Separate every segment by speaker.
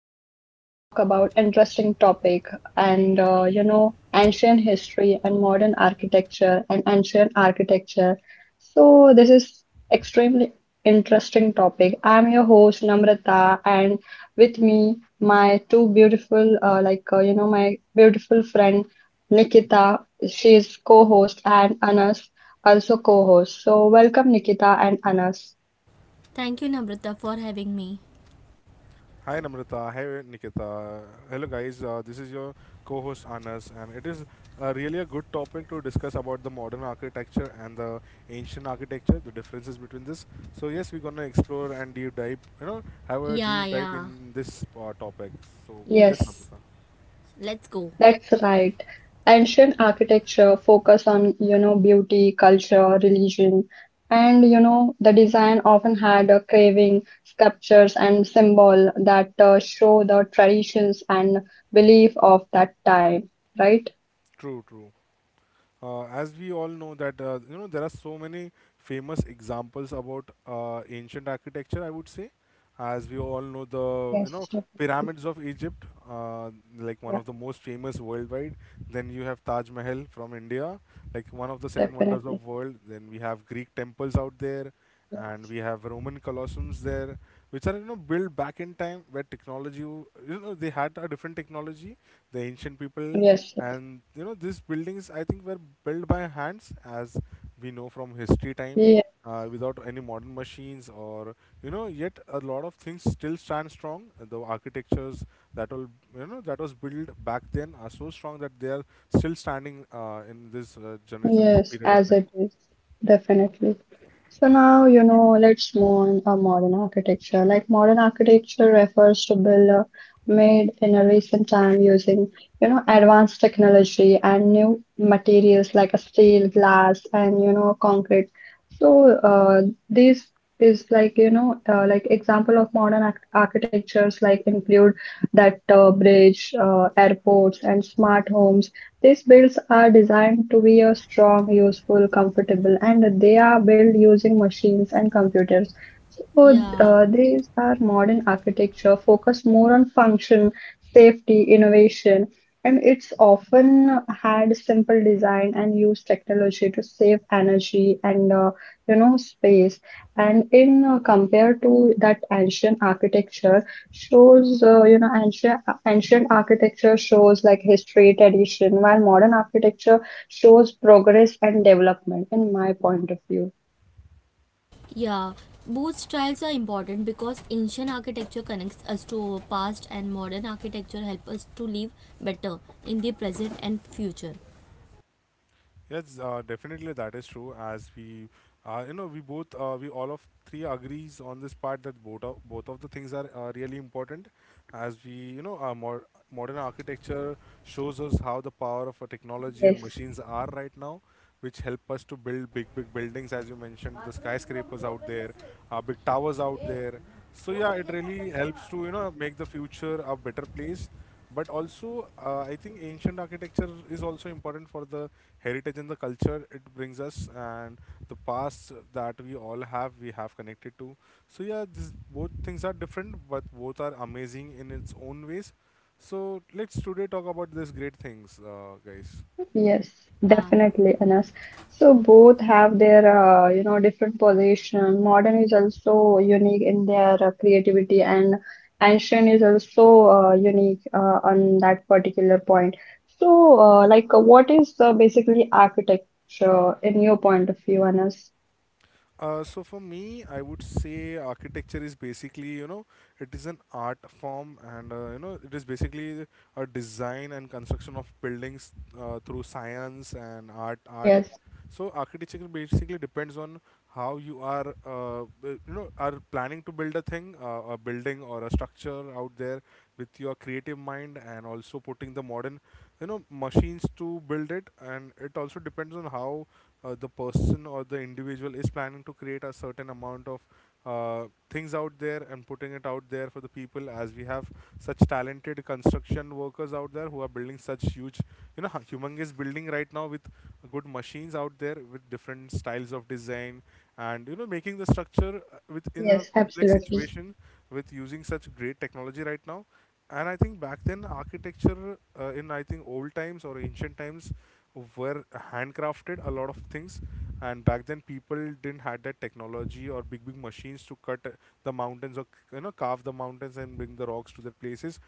Speaker 1: Are going to talk about interesting topic and ancient history and modern architecture and ancient architecture. So this is extremely interesting topic. I am your host Namrata, and with me my two beautiful my beautiful friend Nikita. She is co-host and Anas also co-host. So welcome Nikita and Anas.
Speaker 2: Hi Namrata, hi Nikita. Hello guys, this is your co-host Anas and it is really a good topic to discuss about the modern architecture and the ancient architecture, the differences between this. So yes, we're going to explore and deep dive, have a deep dive in this topic. So yes,
Speaker 1: Yes.
Speaker 2: Namrata.
Speaker 1: That's right. Ancient architecture focus on, you know, beauty, culture, religion, and you know, the design often had a craving, sculptures and symbol that show the traditions and belief of that time, right?
Speaker 2: True, true. Uh, as we all know that you know there are so many famous examples about ancient architecture, I would say, as we all know, the you know
Speaker 1: Yes, definitely.
Speaker 2: pyramids of Egypt, uh, like one
Speaker 1: Yeah,
Speaker 2: of the most famous worldwide. Then you have Taj Mahal from India, like one of the seven wonders
Speaker 1: definitely.
Speaker 2: of world. Then we have Greek temples out there,
Speaker 1: Yes,
Speaker 2: and we have Roman colosseums there, which are you know built back in time where technology, you know, they had a different technology, the ancient people,
Speaker 1: yes.
Speaker 2: and you know these buildings I think were built by hands, as we know from history time,
Speaker 1: Yes.
Speaker 2: without any modern machines or you know yet a lot of things still stand strong. The architectures that will you know that was built back then are so strong that they are still standing in this generation, this
Speaker 1: Yes,
Speaker 2: period of
Speaker 1: as
Speaker 2: time.
Speaker 1: it is, definitely. So now, you know, let's move on a modern architecture. Like modern architecture refers to build made in a recent time using, you know, advanced technology and new materials like a steel, glass, and you know, concrete. So this is like you know, example of modern arch architectures like include that bridge, airports, and smart homes. These
Speaker 2: Mhm.
Speaker 1: builds are designed to be a strong, useful, comfortable, and they are built using machines and computers. So these are modern architecture focused more on function, safety, innovation, and it's often had simple design and used technology to save energy and you know space. And in compared to that ancient architecture shows you know ancient architecture shows like history tradition, while modern architecture shows progress and development in my point of view.
Speaker 2: Yes, definitely that is true. As we, you know, we both, we all of three agrees on this part that both of the things are really important. As we, you know, modern architecture shows us how the power of a technology and
Speaker 1: Yes,
Speaker 2: machines are right now, which help us to build big, big buildings, as you mentioned, the skyscrapers out there, big towers out there. So yeah, it really helps to you know make the future a better place. But also, I think ancient architecture is also important for the heritage and the culture it brings us, and the past that we all have, we have connected to. So yeah, this, both things are different, but both are amazing in its own ways. So let's today talk about these great things, guys.
Speaker 1: yes, definitely, Anas. So both have their you know different position. Modern is also unique in their creativity, and ancient is also unique on that particular point. So what is basically architecture in your point of view, Anas?
Speaker 2: So for me, I would say architecture is basically, you know, it is an art form, and you know, it is basically a design and construction of buildings through science and art. Art.
Speaker 1: Yes,
Speaker 2: So architecture basically depends on how you are, you know, are planning to build a thing, a building or a structure out there with your creative mind, and also putting the modern you know machines to build it, and it also depends on how the person or the individual is planning to create a certain amount of things out there and putting it out there for the people, as we have such talented construction workers out there who are building such huge you know humongous building right now with good machines out there with different styles of design and you know making the structure within a
Speaker 1: yes,
Speaker 2: complex
Speaker 1: absolutely.
Speaker 2: situation with using such great technology right now. And I think back then architecture in I think old times or ancient times were handcrafted a lot of things, and back then people didn't had that technology or big big machines to cut the mountains or you know carve the mountains and bring the rocks to their places,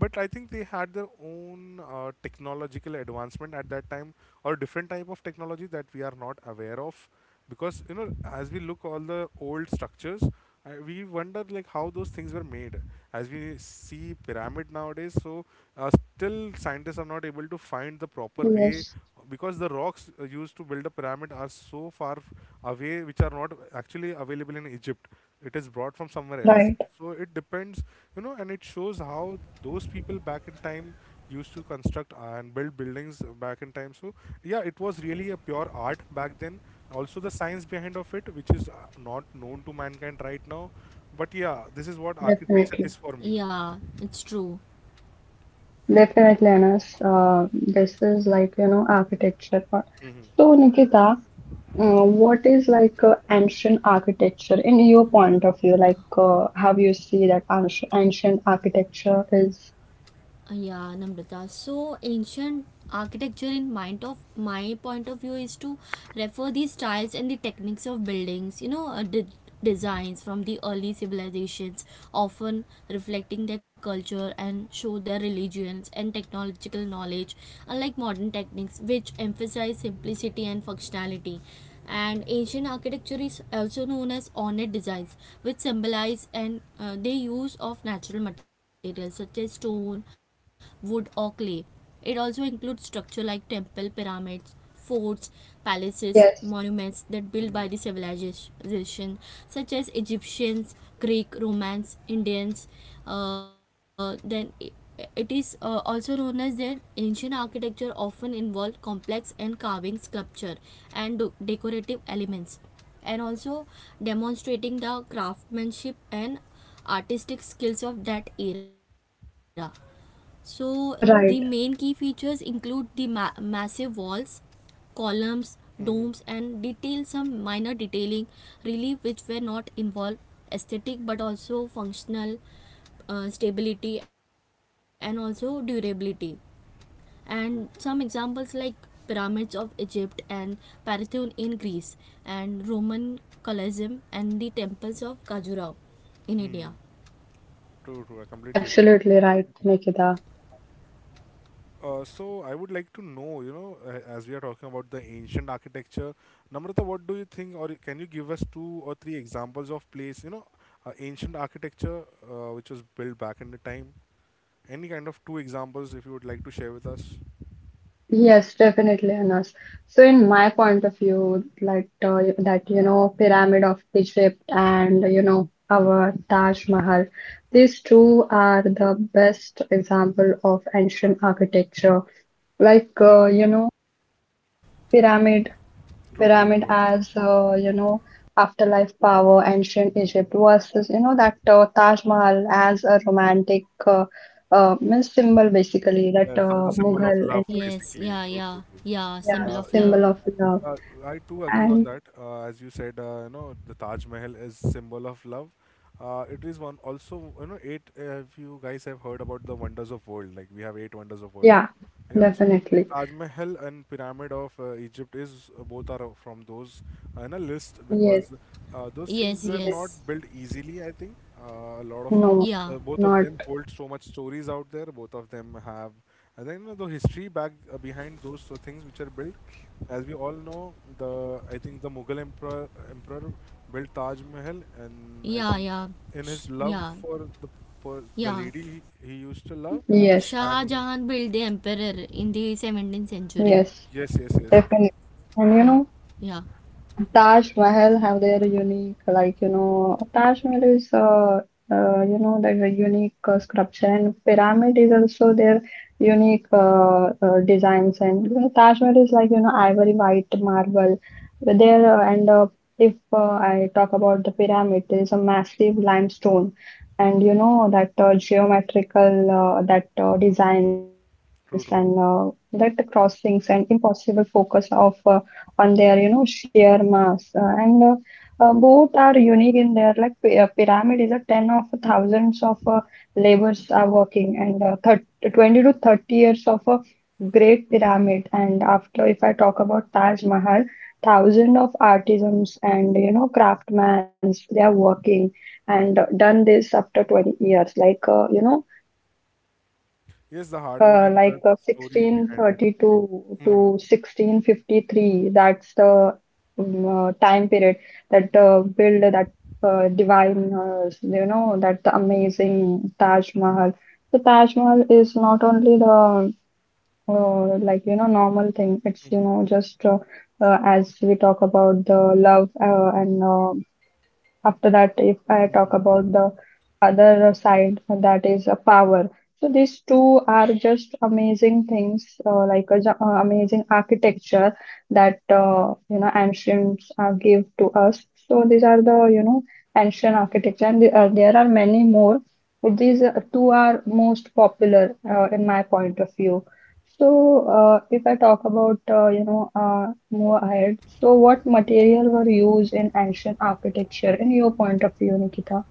Speaker 2: but I think they had their own technological advancement at that time or different type of technology that we are not aware of, because you know as we look all the old structures, we wonder like how those things were made. As we see pyramid nowadays, so uh, still scientists are not able to find the proper way,
Speaker 1: Yes.
Speaker 2: because the rocks used to build a pyramid are so away, which are not actually available in Egypt. It is brought from somewhere else.
Speaker 1: Right,
Speaker 2: So it depends, you know, and it shows how those people back in time used to construct and build buildings back in time. So yeah, it was really a pure art back then, also the science behind of it, which is not known to mankind right now. But yeah, this is what architecture
Speaker 1: definitely.
Speaker 2: is for me.
Speaker 1: Definitely, Anas. This is like, you know, architecture part.
Speaker 2: Mm-hmm.
Speaker 1: So, Nikita, what is like ancient architecture in your point of view? Like, how you see that ancient architecture is? Yes,
Speaker 2: Mm-hmm.
Speaker 1: right.
Speaker 2: Mm-hmm. True. Hmm. True, true. I completely agree.
Speaker 1: Absolutely right, Nikita.
Speaker 2: So I would like to know, you know, as we are talking about the ancient architecture, Namrata, what do you think, or can you give us two or three examples of place, you know, ancient architecture which was built back in the time? Any kind of two examples if you would like to share with us?
Speaker 1: Yes, definitely, Anas. So, in my point of view, like that, you know, Pyramid of Egypt and, you know, our Taj Mahal, these two are the best example of ancient architecture. Like, you know, pyramid,
Speaker 2: True, true,
Speaker 1: pyramid as, you know, afterlife power, ancient
Speaker 2: true.
Speaker 1: Egypt versus, you know, that Taj Mahal as a romantic means symbol, basically, that
Speaker 2: Yeah, so the symbol of
Speaker 1: Mughal,
Speaker 2: love,
Speaker 1: and,
Speaker 2: basically. True, true, true.
Speaker 1: yeah,
Speaker 2: Yeah, yeah.
Speaker 1: symbol of love.
Speaker 2: Uh, I too agree on
Speaker 1: And
Speaker 2: that. As you said, you know, the Taj Mahal is symbol of love. It is one also, you know, eight. If you guys have heard about the wonders of world, like we have eight wonders of world.
Speaker 1: yeah,
Speaker 2: Yeah, so
Speaker 1: definitely.
Speaker 2: Taj Mahal and Pyramid of Egypt is both are from those in a list,
Speaker 1: Yes,
Speaker 2: because those things were
Speaker 1: yes.
Speaker 2: not built easily. I think a lot of
Speaker 1: No,
Speaker 2: both of
Speaker 1: not
Speaker 2: them hold so much stories out there. Both of them have, and then you know the history back behind those things which are built. As we all know, the I think the Mughal emperor built Taj Mahal, and I think in his love for the the lady he used to love,
Speaker 1: yes,
Speaker 2: and
Speaker 1: yes,
Speaker 2: Yes, yes, yes.
Speaker 1: definitely. And you know, Taj Mahal have their unique, like, you know, Taj Mahal is, you know, like a unique sculpture, and pyramid is also their unique designs. And you know, Taj Mahal is like, you know, ivory white marble. But there, and if I talk about the pyramid, there is a massive limestone, and you know, that geometrical, that designs, and
Speaker 2: True,
Speaker 1: that
Speaker 2: true.
Speaker 1: crossings, and impossible focus of. On their you know sheer mass. And both are unique in their like pyramid is a 10 of thousands of laborers are working, and thir 20 to 30 years of a great pyramid. And after if I talk about Taj Mahal, thousand of artisans and you know craftsmen, they are working, and
Speaker 2: Mhm.
Speaker 1: done this after 20 years.
Speaker 2: Yes, the hard work and the story behind it. True.
Speaker 1: 1632 to
Speaker 2: Mhm.
Speaker 1: 1653, that's the time period that build that divine you know that amazing Taj Mahal. The Taj Mahal is not only the like you know normal thing, it's you
Speaker 2: Mhm.
Speaker 1: know just as we talk about the love and after that. If I talk
Speaker 2: Mhm. True.
Speaker 1: about the other side, that is a power. So these two are just amazing things, amazing architecture that you know ancients give to us. So these are the you know ancient architecture, and the, there are many more, but these two are most popular in my point of view. So, if I talk about, you know, more ahead, so what material were used in ancient architecture in your point of view, Nikita?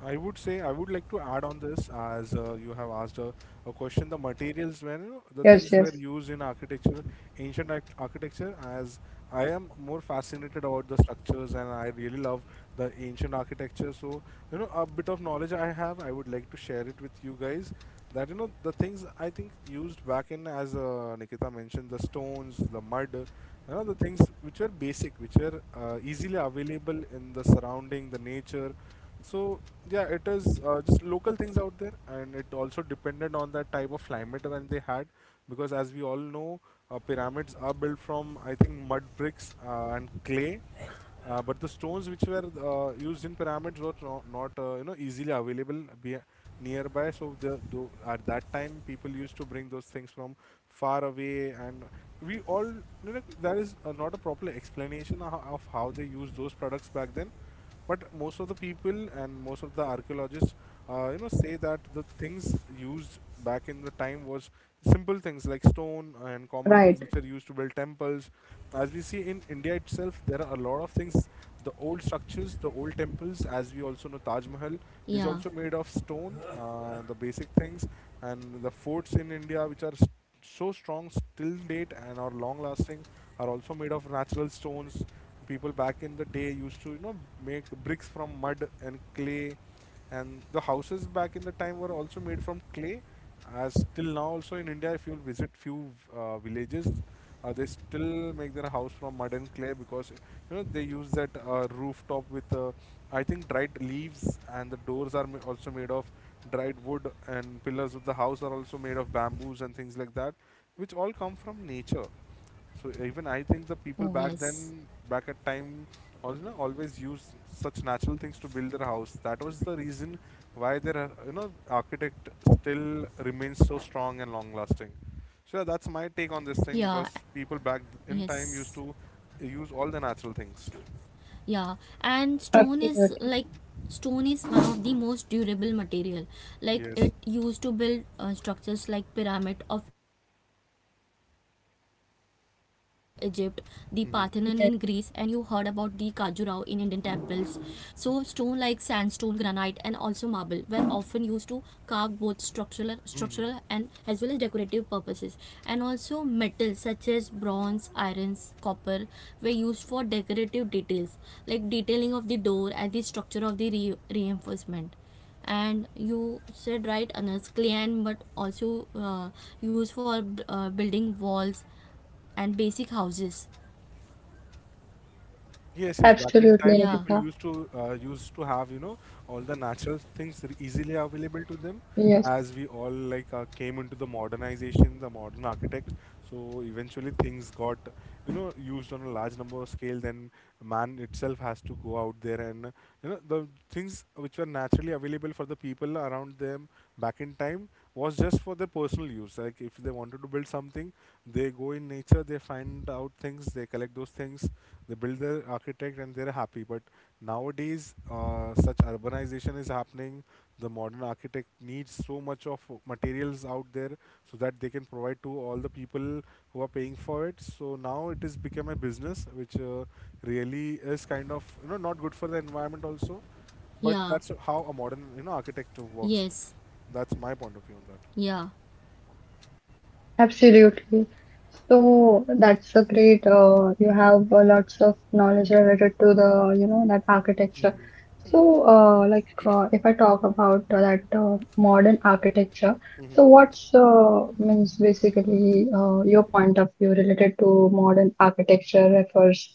Speaker 2: I would say I would like to add on this as you have asked a question. The materials when you know the
Speaker 1: Yes,
Speaker 2: things
Speaker 1: yes,
Speaker 2: were used in architecture, ancient architecture. As I am more fascinated about the structures and I really love the ancient architecture. So you know a bit of knowledge I have, I would like to share it with you guys. That you know the things I think used back in as Nikita mentioned, the stones, the mud, you know the things which were basic, which were easily available in the surrounding, the nature. So yeah, it is just local things out there, and it also depended on that type of climate when they had, because as we all know, pyramids are built from I think mud bricks and clay, but the stones which were used in pyramids were no, not you know easily available nearby. So the, at that time people used to bring those things from far away, and we all you know, there is not a proper explanation of how they used those products back then. But most of the people and most of the archaeologists, you know, say that the things used back in the time was simple things like stone and common
Speaker 1: right.
Speaker 2: things which are used to build temples. As we see in India itself, there are a lot of things. The old structures, the old temples, as we also know, Taj Mahal is also made of stone. The basic things and the forts in India, which are so strong still date and are long lasting, are also made of natural stones. People back in the day used to you know make bricks from mud and clay, and the houses back in the time were also made from clay, as till now also in India if you visit few villages, they still make their house from mud and clay, because you know they use that rooftop with I think dried leaves, and the doors are also made of dried wood, and pillars of the house are also made of bamboos and things like that, which all come from nature. So even I think the people back then, back at time, also you know, always used such natural things to build their house. That was the reason why their you know architect still remains so strong and long lasting. So yeah, that's my take on this thing, because people back in time used to use all the natural things.
Speaker 1: Absolutely.
Speaker 2: Yes. Hmm.
Speaker 1: Yes,
Speaker 2: Hmm. Yes, yes. Back in
Speaker 1: absolutely,
Speaker 2: time, people
Speaker 1: Nikita.
Speaker 2: used to used to have you know all the natural things easily available to them,
Speaker 1: Yes,
Speaker 2: as we all like came into the modernization, the modern architect, so eventually things got you know used on a large number of scale. Then man itself has to go out there and you know the things which were naturally available for the people around them back in time was just for their personal use. Like if they wanted to build something, they go in nature, they find out things, they collect those things, they build their architect, and they're happy. But nowadays, such urbanization is happening. The modern architect needs so much of materials out there, so that they can provide to all the people who are paying for it. So now it has become a business which really is kind of not good for the environment also, but that's how a modern architect works. That's my point of view on that.
Speaker 1: absolutely. So that's a great, you have lots of knowledge related to the, you know, that architecture.
Speaker 2: Mhm.
Speaker 1: So, if I talk about that modern architecture,
Speaker 2: Mhm.
Speaker 1: so what's means basically your point of view related to modern architecture refers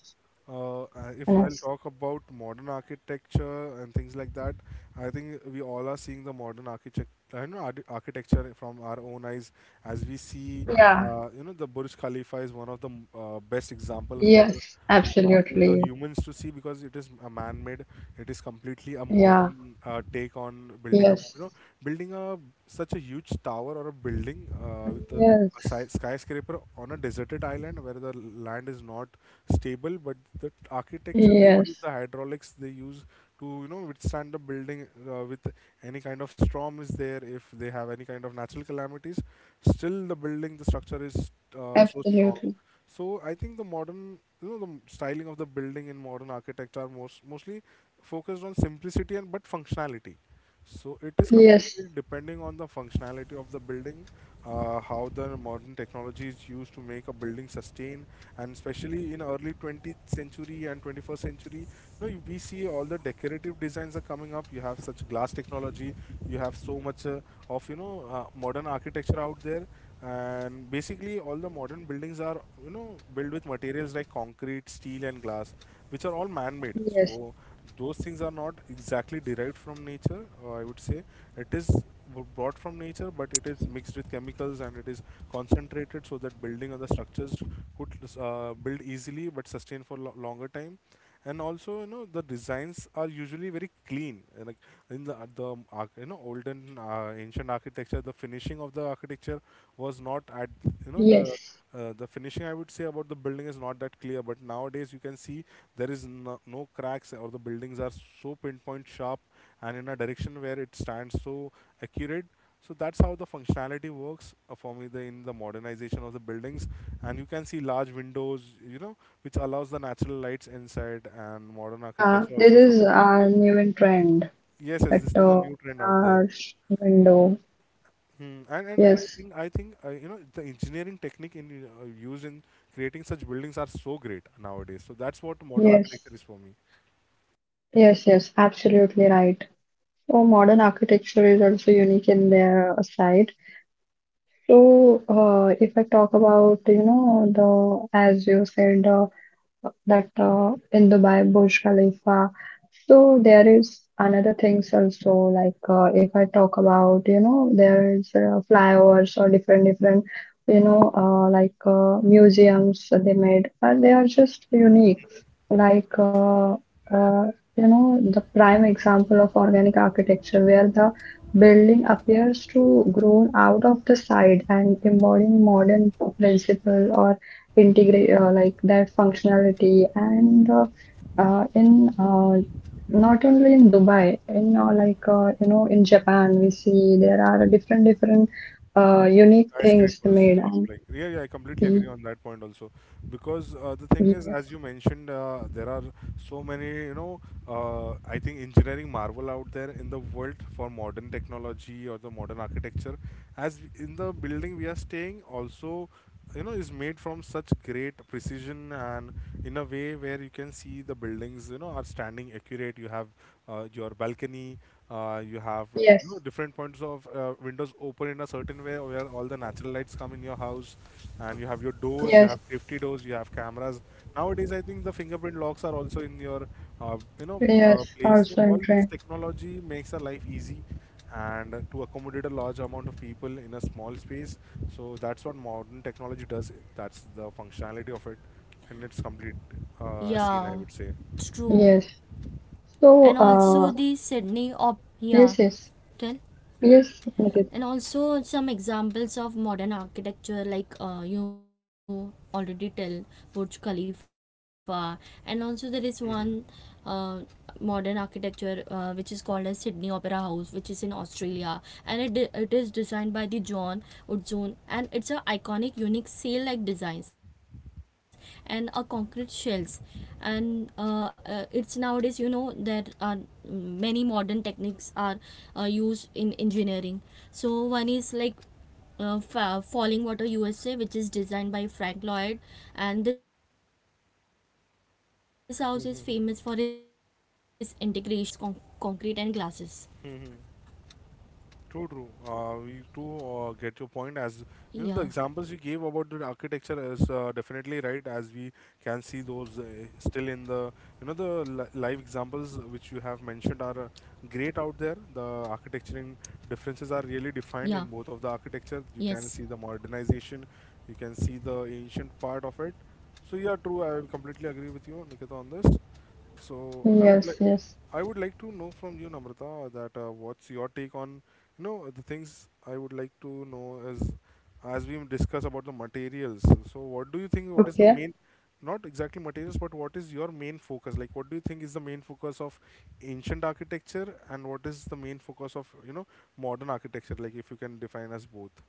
Speaker 2: If
Speaker 1: in
Speaker 2: I'll
Speaker 1: us?
Speaker 2: talk about modern architecture and things like that, I think we all are seeing the modern architect, I know architecture from our own eyes. As we see,
Speaker 1: Yeah.
Speaker 2: you know, the Burj Khalifa is one of the best example for
Speaker 1: Yes.
Speaker 2: the
Speaker 1: Absolutely.
Speaker 2: humans to see because it is a man-made. It is completely a
Speaker 1: Yeah.
Speaker 2: modern take on building a,
Speaker 1: Yes.
Speaker 2: you know, building a such a huge tower or a building with the
Speaker 1: Yes.
Speaker 2: a skyscraper on a deserted island where the land is not stable, but the architecture they
Speaker 1: Yes.
Speaker 2: use, the hydraulics they use to withstand the building with any kind of storm is there. If they have any kind of natural calamities, still the building, the structure is so strong.
Speaker 1: Absolutely.
Speaker 2: So I think the modern, you know, the styling of the building in modern architecture are mostly focused on simplicity and but functionality. So it is
Speaker 1: Yes.
Speaker 2: completely depending on the functionality of the building, how the modern technology is used to make a building sustain, and especially in early 20th century and 21st century, you know, we see all the decorative designs are coming up. You have such glass technology, you have so much of you know modern architecture out there, and basically all the modern buildings are you know built with materials like concrete, steel, and glass which are all man-made.
Speaker 1: Yes.
Speaker 2: So those things are not exactly derived from nature. I would say it is brought from nature, but it is mixed with chemicals and it is concentrated so that building other structures could build easily but sustain for longer time. And also, you know, the designs are usually very clean. Like in the you know olden ancient architecture, the finishing of the architecture was not at you know
Speaker 1: Yes.
Speaker 2: the finishing I would say about the building is not that clear, but nowadays you can see there is no cracks or the buildings are so pinpoint sharp and in a direction where it stands so accurate. So that's how the functionality works for me the, in the modernization of the buildings, and you can see large windows, you know, which allows the natural lights inside, and modern
Speaker 1: Yeah.
Speaker 2: architecture
Speaker 1: This
Speaker 2: also
Speaker 1: is
Speaker 2: supports.
Speaker 1: a new in trend
Speaker 2: Yes, yes,
Speaker 1: at
Speaker 2: this is a new trend out there.
Speaker 1: large window.
Speaker 2: And I
Speaker 1: Yes.
Speaker 2: think I think you know the engineering technique in used in creating such buildings are so great nowadays. So that's what modern
Speaker 1: Yes.
Speaker 2: architecture is for me.
Speaker 1: Yes, yes, absolutely right. So modern architecture is also unique in their side. So if I talk about, you know, the as you said, that in Dubai, Burj Khalifa. So there is another things also, like if I talk about you know there is flyovers or different different you know museums they made, and they are just unique. like uh, uh, you know the prime example of organic architecture where the building appears to grown out of the side and embodying modern principle or integrate like that functionality, and in not only in Dubai, in you know in Japan we see there are different different unique things they
Speaker 2: Skyscrapers
Speaker 1: made, and
Speaker 2: like yeah, yeah, I completely
Speaker 1: y-
Speaker 2: agree on that point also, because the thing is
Speaker 1: yes,
Speaker 2: as you mentioned there are so many you know I think engineering marvel out there in the world for modern technology or the modern architecture as in the building we are staying also you know is made from such great precision and in a way where you can see the buildings you know are standing accurate. You have your balcony, you have you know,
Speaker 1: yes,
Speaker 2: different points of windows open in a certain way where all the natural lights come in your house, and you have your doors, you
Speaker 1: yes,
Speaker 2: have safety doors, you have cameras. Nowadays I think the fingerprint locks are also in your uh, you know
Speaker 1: yes,
Speaker 2: place. So
Speaker 1: also
Speaker 2: all
Speaker 1: in
Speaker 2: this
Speaker 1: trend.
Speaker 2: technology makes our life easy and to accommodate a large amount of people in a small space. So that's what modern technology does, that's the functionality of it, and its complete scene I would say.
Speaker 1: Yes, so yes, yes, yes, Nikita.
Speaker 2: Mhm. Mhm. Mhm. True, true. We do get your point. As you know, the examples you gave about the architecture is definitely right. As we can see those still in the you know the live examples which you have mentioned are great out there. The architecturing differences are really defined in both of the architecture. You can see the modernization. You can see the ancient part of it. So yeah, true. I completely agree with you, Nikita, on this. So I would
Speaker 1: Yes,
Speaker 2: like.
Speaker 1: yes.
Speaker 2: I would like to know from you, Namrata, that what's your take on you know the things I would like to know is as we discuss about the materials. So, what do you think? What is the
Speaker 1: Okay.
Speaker 2: main, not exactly materials, but what is your main focus? Like, what do you think is the main focus of ancient architecture, and what is the main focus of you know modern architecture? Like, if you can define as both.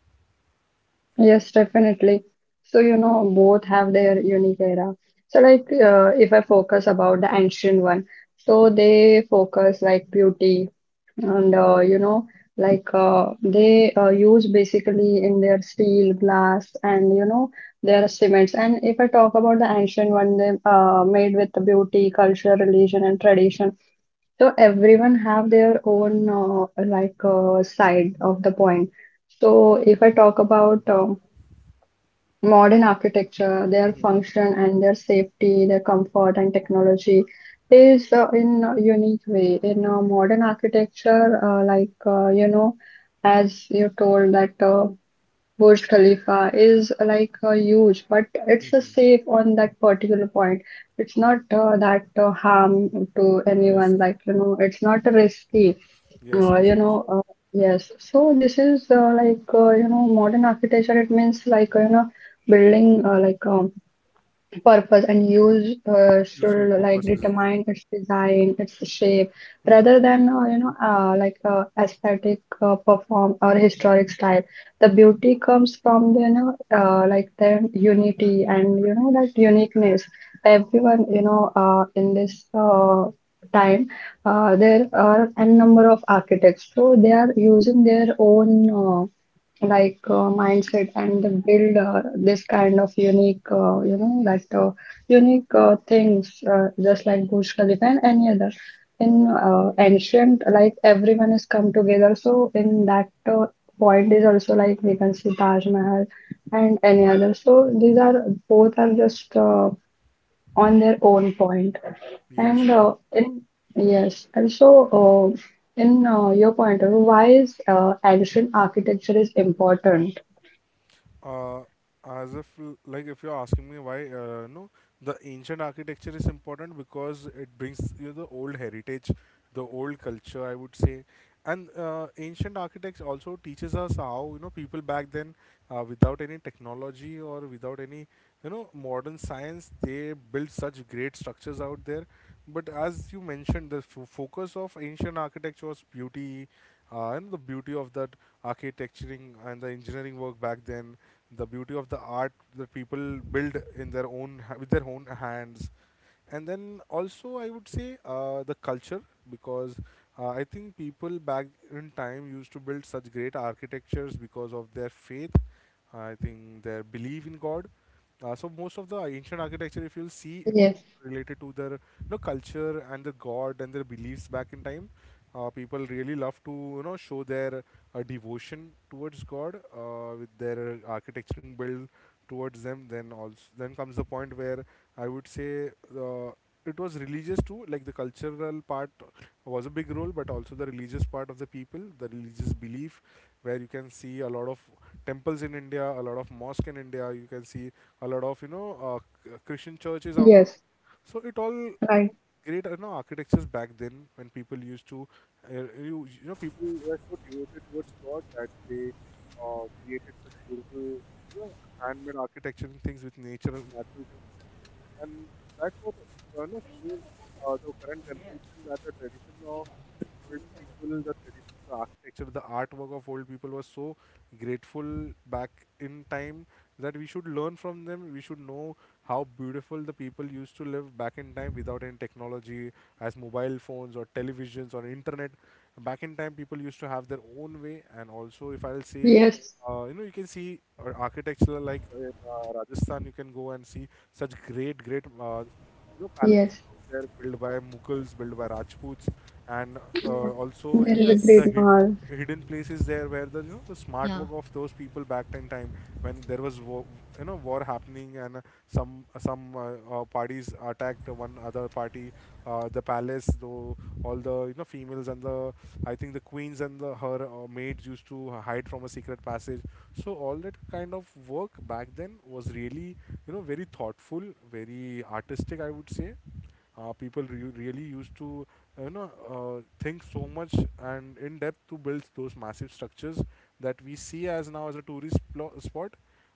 Speaker 1: Yes, definitely. So, you know, both have their unique era. So, like, if I focus about the ancient one, so they focus like beauty and, you know, like they use basically in their steel, glass, and, you know, their cements. And if I talk about the ancient one, they made with the beauty, culture, religion, and tradition. So, everyone have their own, side of the point. So, if I talk about, modern architecture, their
Speaker 2: Mhm,
Speaker 1: function and their safety, their comfort and technology is in a unique way. In modern architecture, you know, as you told that Burj Khalifa is huge, but it's
Speaker 2: mhm.
Speaker 1: safe on that particular point. It's
Speaker 2: True.
Speaker 1: not that harm to
Speaker 2: Yes.
Speaker 1: anyone. Like you know, it's not risky
Speaker 2: Yes.
Speaker 1: uh,
Speaker 2: Yes,
Speaker 1: you
Speaker 2: yes.
Speaker 1: know, uh, yes. So this is you know modern architecture. It means like you know building purpose and use
Speaker 2: Useful
Speaker 1: should like
Speaker 2: purpose is the.
Speaker 1: determine its design, its shape,
Speaker 2: Mhm.
Speaker 1: rather than aesthetic perform or historic style. The beauty comes from the you know their
Speaker 2: The
Speaker 1: unity and you know that
Speaker 2: mhm.
Speaker 1: uniqueness. Everyone you know in this time there are n number of architects, so they are using their own. Mindset and the build this kind of unique you know that unique things just like Burj Khalifa and any other. In ancient like everyone is come together, so in that point is also like we can see Taj Mahal and any other. So these are both are just on their own point.
Speaker 2: Yes.
Speaker 1: And
Speaker 2: Yes.
Speaker 1: in yes, and so uh, in your point of view, why is ancient architecture is important?
Speaker 2: uh, as if like if you're asking me why no, the ancient architecture is important because it brings you the old heritage, the old culture I would say. And ancient architects also teaches us how you know people back then without any technology or without any you know modern science they built such great structures out there. But as you mentioned, the focus of ancient architecture was beauty, and the beauty of that architecturing and the engineering work back then, the beauty of the art that people build in their own with their own hands. And then also I would say the culture, because I think people back in time used to build such great architectures because of their faith, I think their belief in God. So most of the ancient architecture, if you'll see, it
Speaker 1: Yes,
Speaker 2: related to their you know culture and the God and their beliefs back in time. People really love to you know show their devotion towards God with their architectural build towards them. Then also then comes the point where I would say uh, it was religious too, like the cultural part was a big role, but also the religious part of the people, the religious belief, where you can see a lot of temples in India, a lot of mosque in India. You can see a lot of you know Christian churches out.
Speaker 1: yes,
Speaker 2: So it all
Speaker 1: right.
Speaker 2: great you know architectures back then, when people used to you know people were so devoted towards God that they created such beautiful you know handmade architecture and things with natural things. And that's what you know, shows the current generation that the tradition of old people, the tradition, the architecture, the artwork of old people was so grateful back in time, that we should learn from them. We should know how beautiful the people used to live back in time without any technology, as mobile phones or televisions or internet. Back in time, people used to have their own way. And also, if I'll say
Speaker 1: Yes,
Speaker 2: you know, you can see architecture like in Rajasthan. You can go and see such great you know
Speaker 1: yes,
Speaker 2: palaces out there built by Mughals, built by Rajputs. And
Speaker 1: yes.
Speaker 2: also
Speaker 1: There
Speaker 2: you
Speaker 1: is
Speaker 2: can
Speaker 1: a
Speaker 2: see the
Speaker 1: great mall.
Speaker 2: hidden places there where the you know the smart work of those people back in time, when there was war, you know war happening. And some parties attacked one other party. The palace though, all the you know females and the I think the queens and the her maids used to hide from a secret passage. So all that kind of work back then was really you know very thoughtful, very artistic I mistake, I would say. People really used to, think so much and in depth to build those massive structures that we see as now as a tourist spot.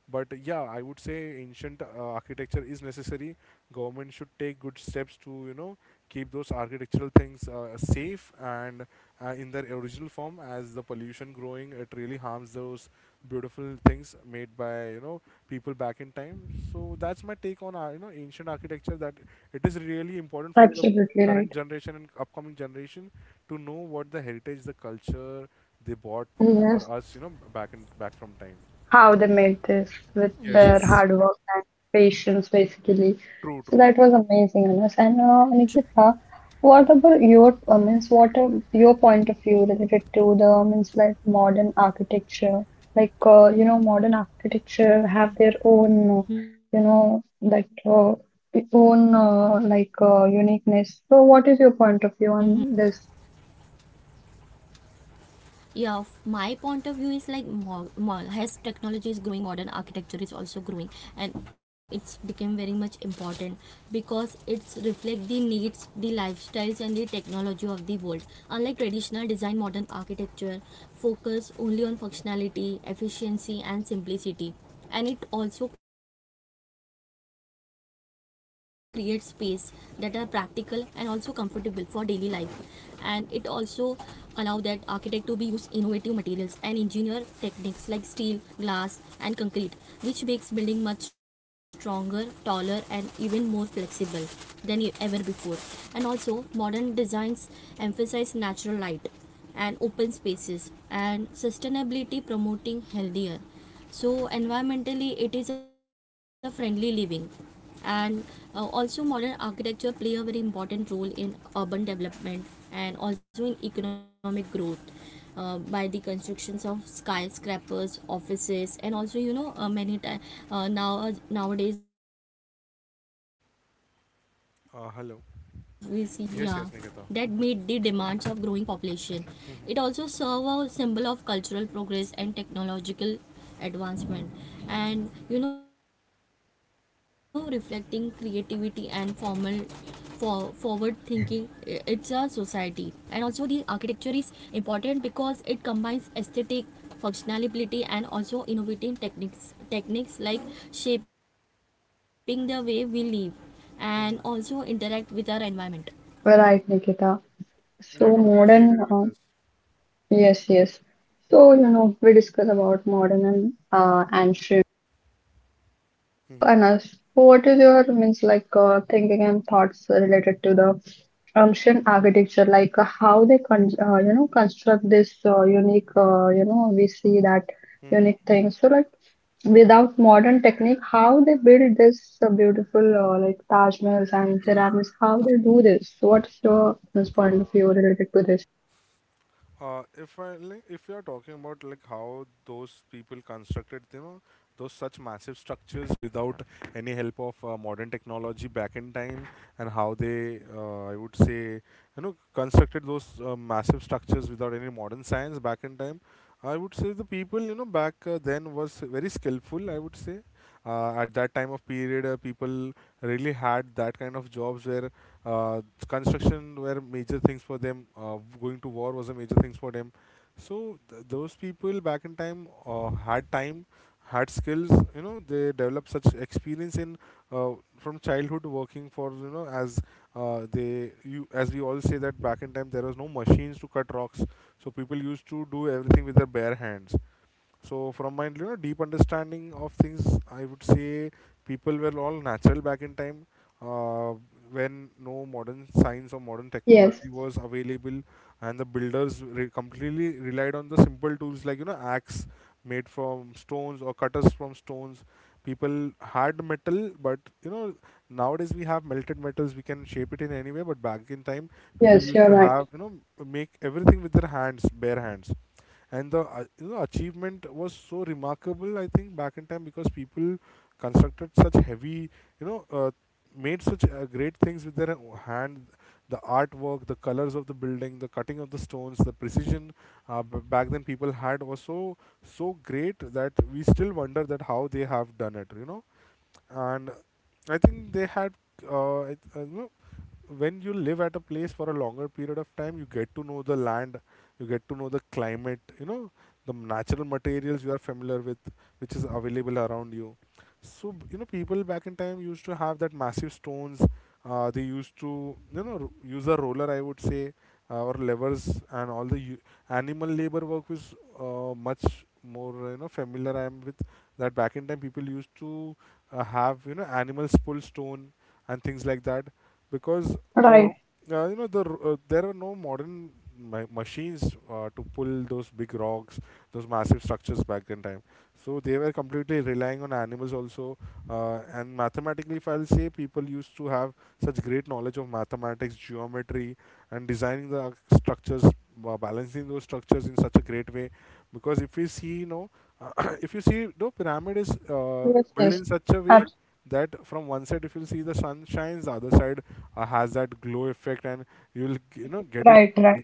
Speaker 2: But yeah, I would say ancient architecture is necessary. Government should take good steps to, you know, keep those architectural things safe and in their original form. As the pollution growing, it really harms those beautiful things made by, you know, people back in time. So that's my take on our, you know ancient architecture, that it is really important for the
Speaker 1: Absolutely right.
Speaker 2: current generation and upcoming generation to know what the heritage, the culture they bought for
Speaker 1: Yes,
Speaker 2: us, you know, back in back from time.
Speaker 1: how they made this with
Speaker 2: Yes,
Speaker 1: their
Speaker 2: yes.
Speaker 1: hard work and patience, basically.
Speaker 2: True,
Speaker 1: So
Speaker 2: true.
Speaker 1: that was amazing, Anas. And Nikita, what about your means? What are your point of view related to the means like modern architecture? Like you know, modern architecture have their own, you know, that own uniqueness. So what is your point of view on this?
Speaker 2: Hello. Yes, yes, Nikita. Mhm.
Speaker 1: Right, Nikita.
Speaker 2: Yeah,
Speaker 1: So
Speaker 2: completely
Speaker 1: modern.
Speaker 2: agree with this.
Speaker 1: Yes, yes. So, you know, we discuss about modern and ancient. So, Anas, what is your means like thinking and thoughts related to the ancient architecture, like how they con you know construct this unique you know we see that
Speaker 2: Mhm.
Speaker 1: unique thing. So, like without modern technique, how they build this beautiful like Taj Mahals and pyramids? How they do this? What's your means, point
Speaker 2: Mhm.
Speaker 1: of view related to this?
Speaker 2: If I like, if you are talking about like how those people constructed, you know, those such massive structures without any help of modern technology back in time, and how they, I would say, you know, constructed those massive structures without any modern science back in time, I would say the people, you know, back then was very skillful. I would say, at that time of period, people really had that kind of jobs where uh, construction were major things for them, going to war was a major things for them, so those people back in time had time, had skills, you know, they developed such experience in uh, from childhood working for, you know, as they, you, as we all say that back in time there was no machines to cut rocks, so people used to do everything with their bare hands. So from my, you know, deep understanding of things, I would say people were all natural back in time, uh, when no modern science or modern
Speaker 1: Yes,
Speaker 2: technology was available, and the builders completely relied on the simple tools like, you know, axe made from stones or cutters from stones. People had metal, but, you know, nowadays we have melted metals. We can shape it in any way. But back in time, people
Speaker 1: yes,
Speaker 2: used
Speaker 1: you're
Speaker 2: to
Speaker 1: right.
Speaker 2: have, you know, make everything with their hands, bare hands, and the you know achievement was so remarkable, I think back in time, because people constructed such heavy, you know, made such great things with their hand. The artwork, the colors of the building, the cutting of the stones, the precision back then people had was so so great that we still wonder that how they have done it, you know. And I think they had, you know, when you live at a place for a longer period of time, you get to know the land, you get to know the climate, you know, the natural
Speaker 1: Right,
Speaker 2: materials you are familiar with, which is available around you. So, you know, people back in time used to have that massive stones. They used to, you know, use a roller, I would say, or levers, and all the animal labor work was much more, you know, familiar I am with, that back in time people used to have, you know, animals pull stone and things like that because
Speaker 1: right.
Speaker 2: you know, there were no modern machines to pull those big rocks, those massive structures back in time. So they were completely relying on animals also. And mathematically, if I'll say, people used to have such great knowledge of mathematics, geometry, and designing the structures, balancing those structures in such a great way. Because if we see, you know, if you see, the pyramid is
Speaker 1: Yes,
Speaker 2: built
Speaker 1: yes.
Speaker 2: in such a way
Speaker 1: Abs-
Speaker 2: that from one side, if you see the sun shines, the other side has that glow effect, and you'll, you know, get it
Speaker 1: right, right.
Speaker 2: uh,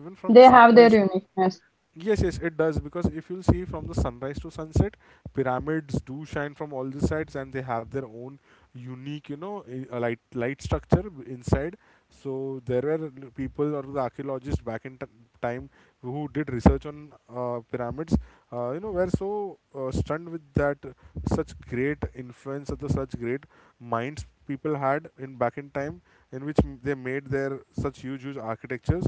Speaker 2: even from
Speaker 1: They have their
Speaker 2: sunrise.
Speaker 1: uniqueness.
Speaker 2: Yes, yes, it does, because if you'll see from the sunrise to sunset, pyramids do shine from all the sides, and they have their own unique, you know, light structure inside. So there were people or the archaeologists back in time who did research on pyramids. You know, were so stunned with that such great influence of the such great minds people had in back in time, in which they made their such huge, huge architectures,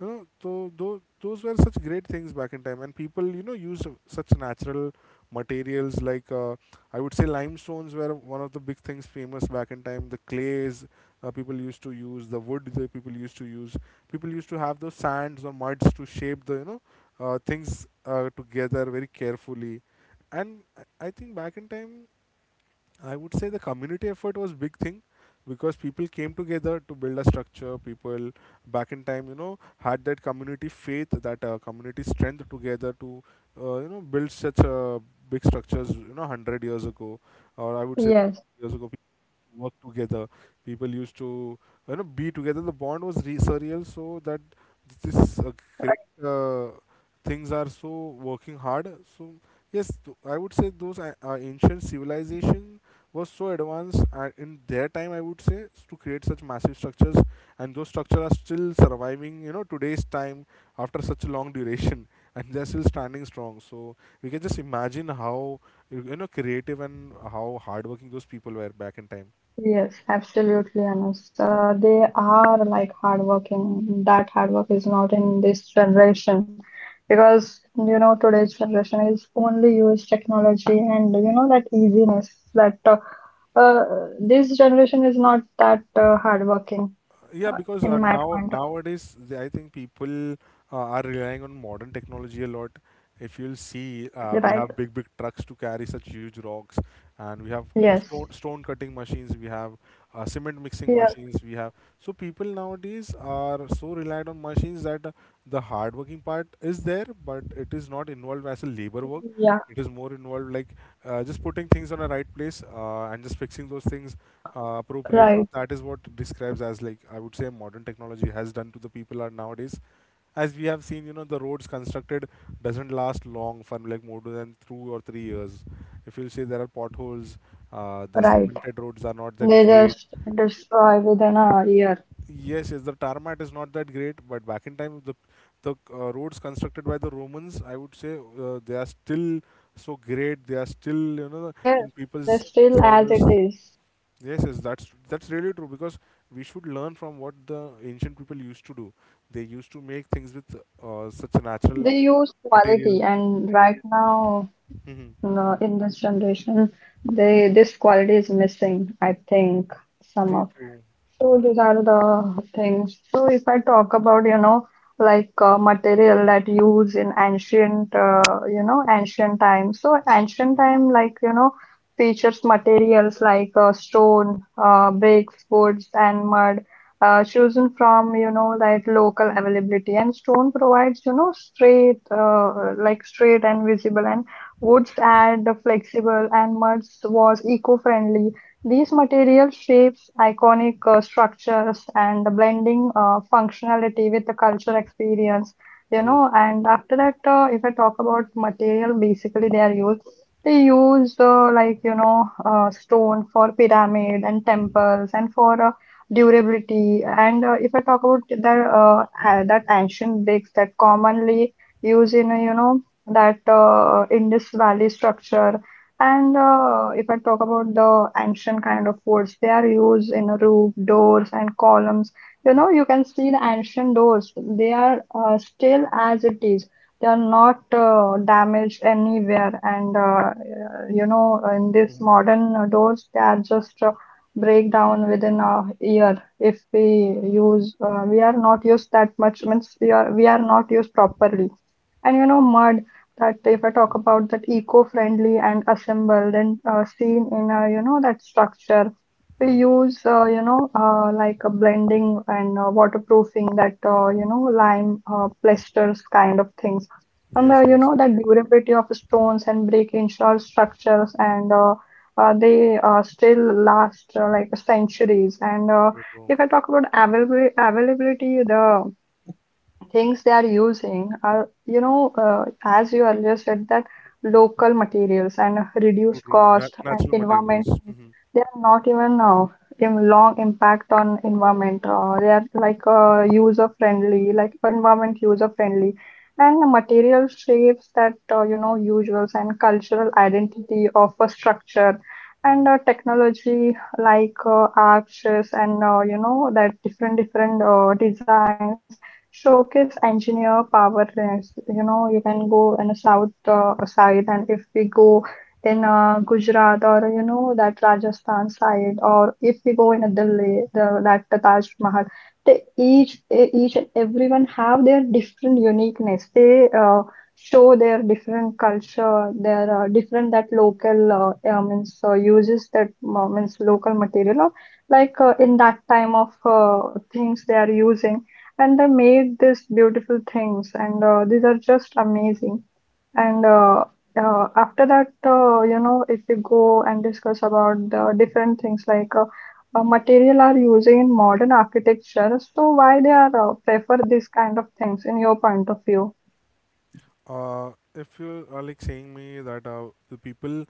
Speaker 2: you know. So those were such great things back in time, and people, you know, used such natural materials like I would say limestones were one of the big things famous back in time, the clays, people used to use, the wood that people used to use, people used to have those sands or muds to shape the, you know, things together very carefully. And I think back in time, I would say the community effort was big thing, because people came together to build a structure. People back in time, you know, had that community faith, that community strength together to, you know, build such big structures. You know, hundred years ago, or I would say
Speaker 1: Yes,
Speaker 2: years ago, work together. People used to, you know, be together. The bond was surreal, so that this great things are so working hard. So yes, I would say those ancient civilization was so advanced in their time. I would say to create such massive structures, and those structures are still surviving, you know, today's time, after such a long duration. And they're still standing strong. So we can just imagine how you know creative and how hardworking those people were back in time.
Speaker 1: yes, absolutely, Anas. They are like hardworking. That hard work is not in this generation, because you know today's generation is only use technology and you know that easiness that uh, this generation is not that hardworking
Speaker 2: Yeah, because uh,
Speaker 1: in my
Speaker 2: now
Speaker 1: point of
Speaker 2: nowadays I think people are relying on modern technology a lot. If you'll see,
Speaker 1: absolutely
Speaker 2: we
Speaker 1: right.
Speaker 2: have big big trucks to carry such huge rocks, and we have
Speaker 1: Yes,
Speaker 2: stone cutting machines, we have cement mixing
Speaker 1: yes,
Speaker 2: machines, we have. So people nowadays are so reliant on machines that the hard working part is there, but it is not involved as a labor work.
Speaker 1: yeah,
Speaker 2: It is more involved like just putting things on a right place, and just fixing those things appropriately.
Speaker 1: right,
Speaker 2: That is what describes as, like, I would say, modern technology has done to the people are nowadays. As we have seen, you know, the roads constructed doesn't last long for like more than 2 or 3 years. If you say there are potholes, the
Speaker 1: right.
Speaker 2: cemented roads are not that
Speaker 1: They
Speaker 2: great.
Speaker 1: just destroy within a year.
Speaker 2: Yes, yes, the tar mat is not that great, but back in time, the roads constructed by the Romans, I would say, they are still so great. They are still, you know, in
Speaker 1: Yes, they're
Speaker 2: people's
Speaker 1: still as
Speaker 2: service.
Speaker 1: it is.
Speaker 2: Yes, yes, that's really true, because we should learn from what the ancient people used to do. They used to make things with such a natural
Speaker 1: They use
Speaker 2: material.
Speaker 1: quality, and right now,
Speaker 2: Hmm.
Speaker 1: no, in this generation, they this quality is missing, I think,
Speaker 2: True,
Speaker 1: somehow.
Speaker 2: true,
Speaker 1: So these are the things. So if I talk about, you know, like material that used in ancient, you know, ancient times. So ancient time, like, you know, features materials like stone, bricks, woods, and mud, chosen from, you know, like local availability. And stone provides, you know, straight, like straight and visible, and woods add the flexible, and mud was eco-friendly. These material shapes iconic structures and the blending functionality with the cultural experience, you
Speaker 2: true,
Speaker 1: know.
Speaker 2: true.
Speaker 1: And after that, if I talk about material, basically they are used. They use like you know stone for pyramid and
Speaker 2: Mhm,
Speaker 1: temples and for durability. And if I talk about that that ancient bricks that commonly used in you know that Indus Valley structure. And if I talk about the ancient kind of woods, they are used in a roof, doors, and columns. You know, you can see the ancient doors. They are still as it is. They are not damaged anywhere. And you know, in this
Speaker 2: mhm,
Speaker 1: modern doors, they are just break down within a year if we use. We are not used that much. Means we are not used properly. And you know, mud, that if I talk
Speaker 2: mhm,
Speaker 1: about that eco-friendly and assembled and seen in a you know that structure, we
Speaker 2: mhm.
Speaker 1: use you know like a blending and waterproofing that you know lime plasters kind of things, and
Speaker 2: Yes,
Speaker 1: you
Speaker 2: yes,
Speaker 1: know
Speaker 2: yes.
Speaker 1: that durability of stones and brick ensures structures. And they still last like centuries. And
Speaker 2: True, true,
Speaker 1: if I talk about availability, availability the things they are using are you know as you earlier said, that local materials and
Speaker 2: true,
Speaker 1: reduced
Speaker 2: true.
Speaker 1: cost and
Speaker 2: Natural
Speaker 1: environment,
Speaker 2: materials. Hmm.
Speaker 1: they are not even in long impact on environment. They are like user friendly, like environment user friendly, and the material shapes that you know usuals and cultural identity of a structure, and technology like arches and you know that different different designs showcase engineer powerless. You know, you can go in a south side, and if we go in Gujarat or you know that Rajasthan side, or if we go in a Delhi, that the Taj, they each and everyone have their different uniqueness. They show their different culture, their different that local means uses that means local material. Or, like in that time of things they are using, and they made these beautiful things, and these are just amazing. And after that, you know, if you go and discuss about the different things like material are using in modern architecture, so why they are prefer these kind of things in your point of view?
Speaker 2: If you are like saying me that the people,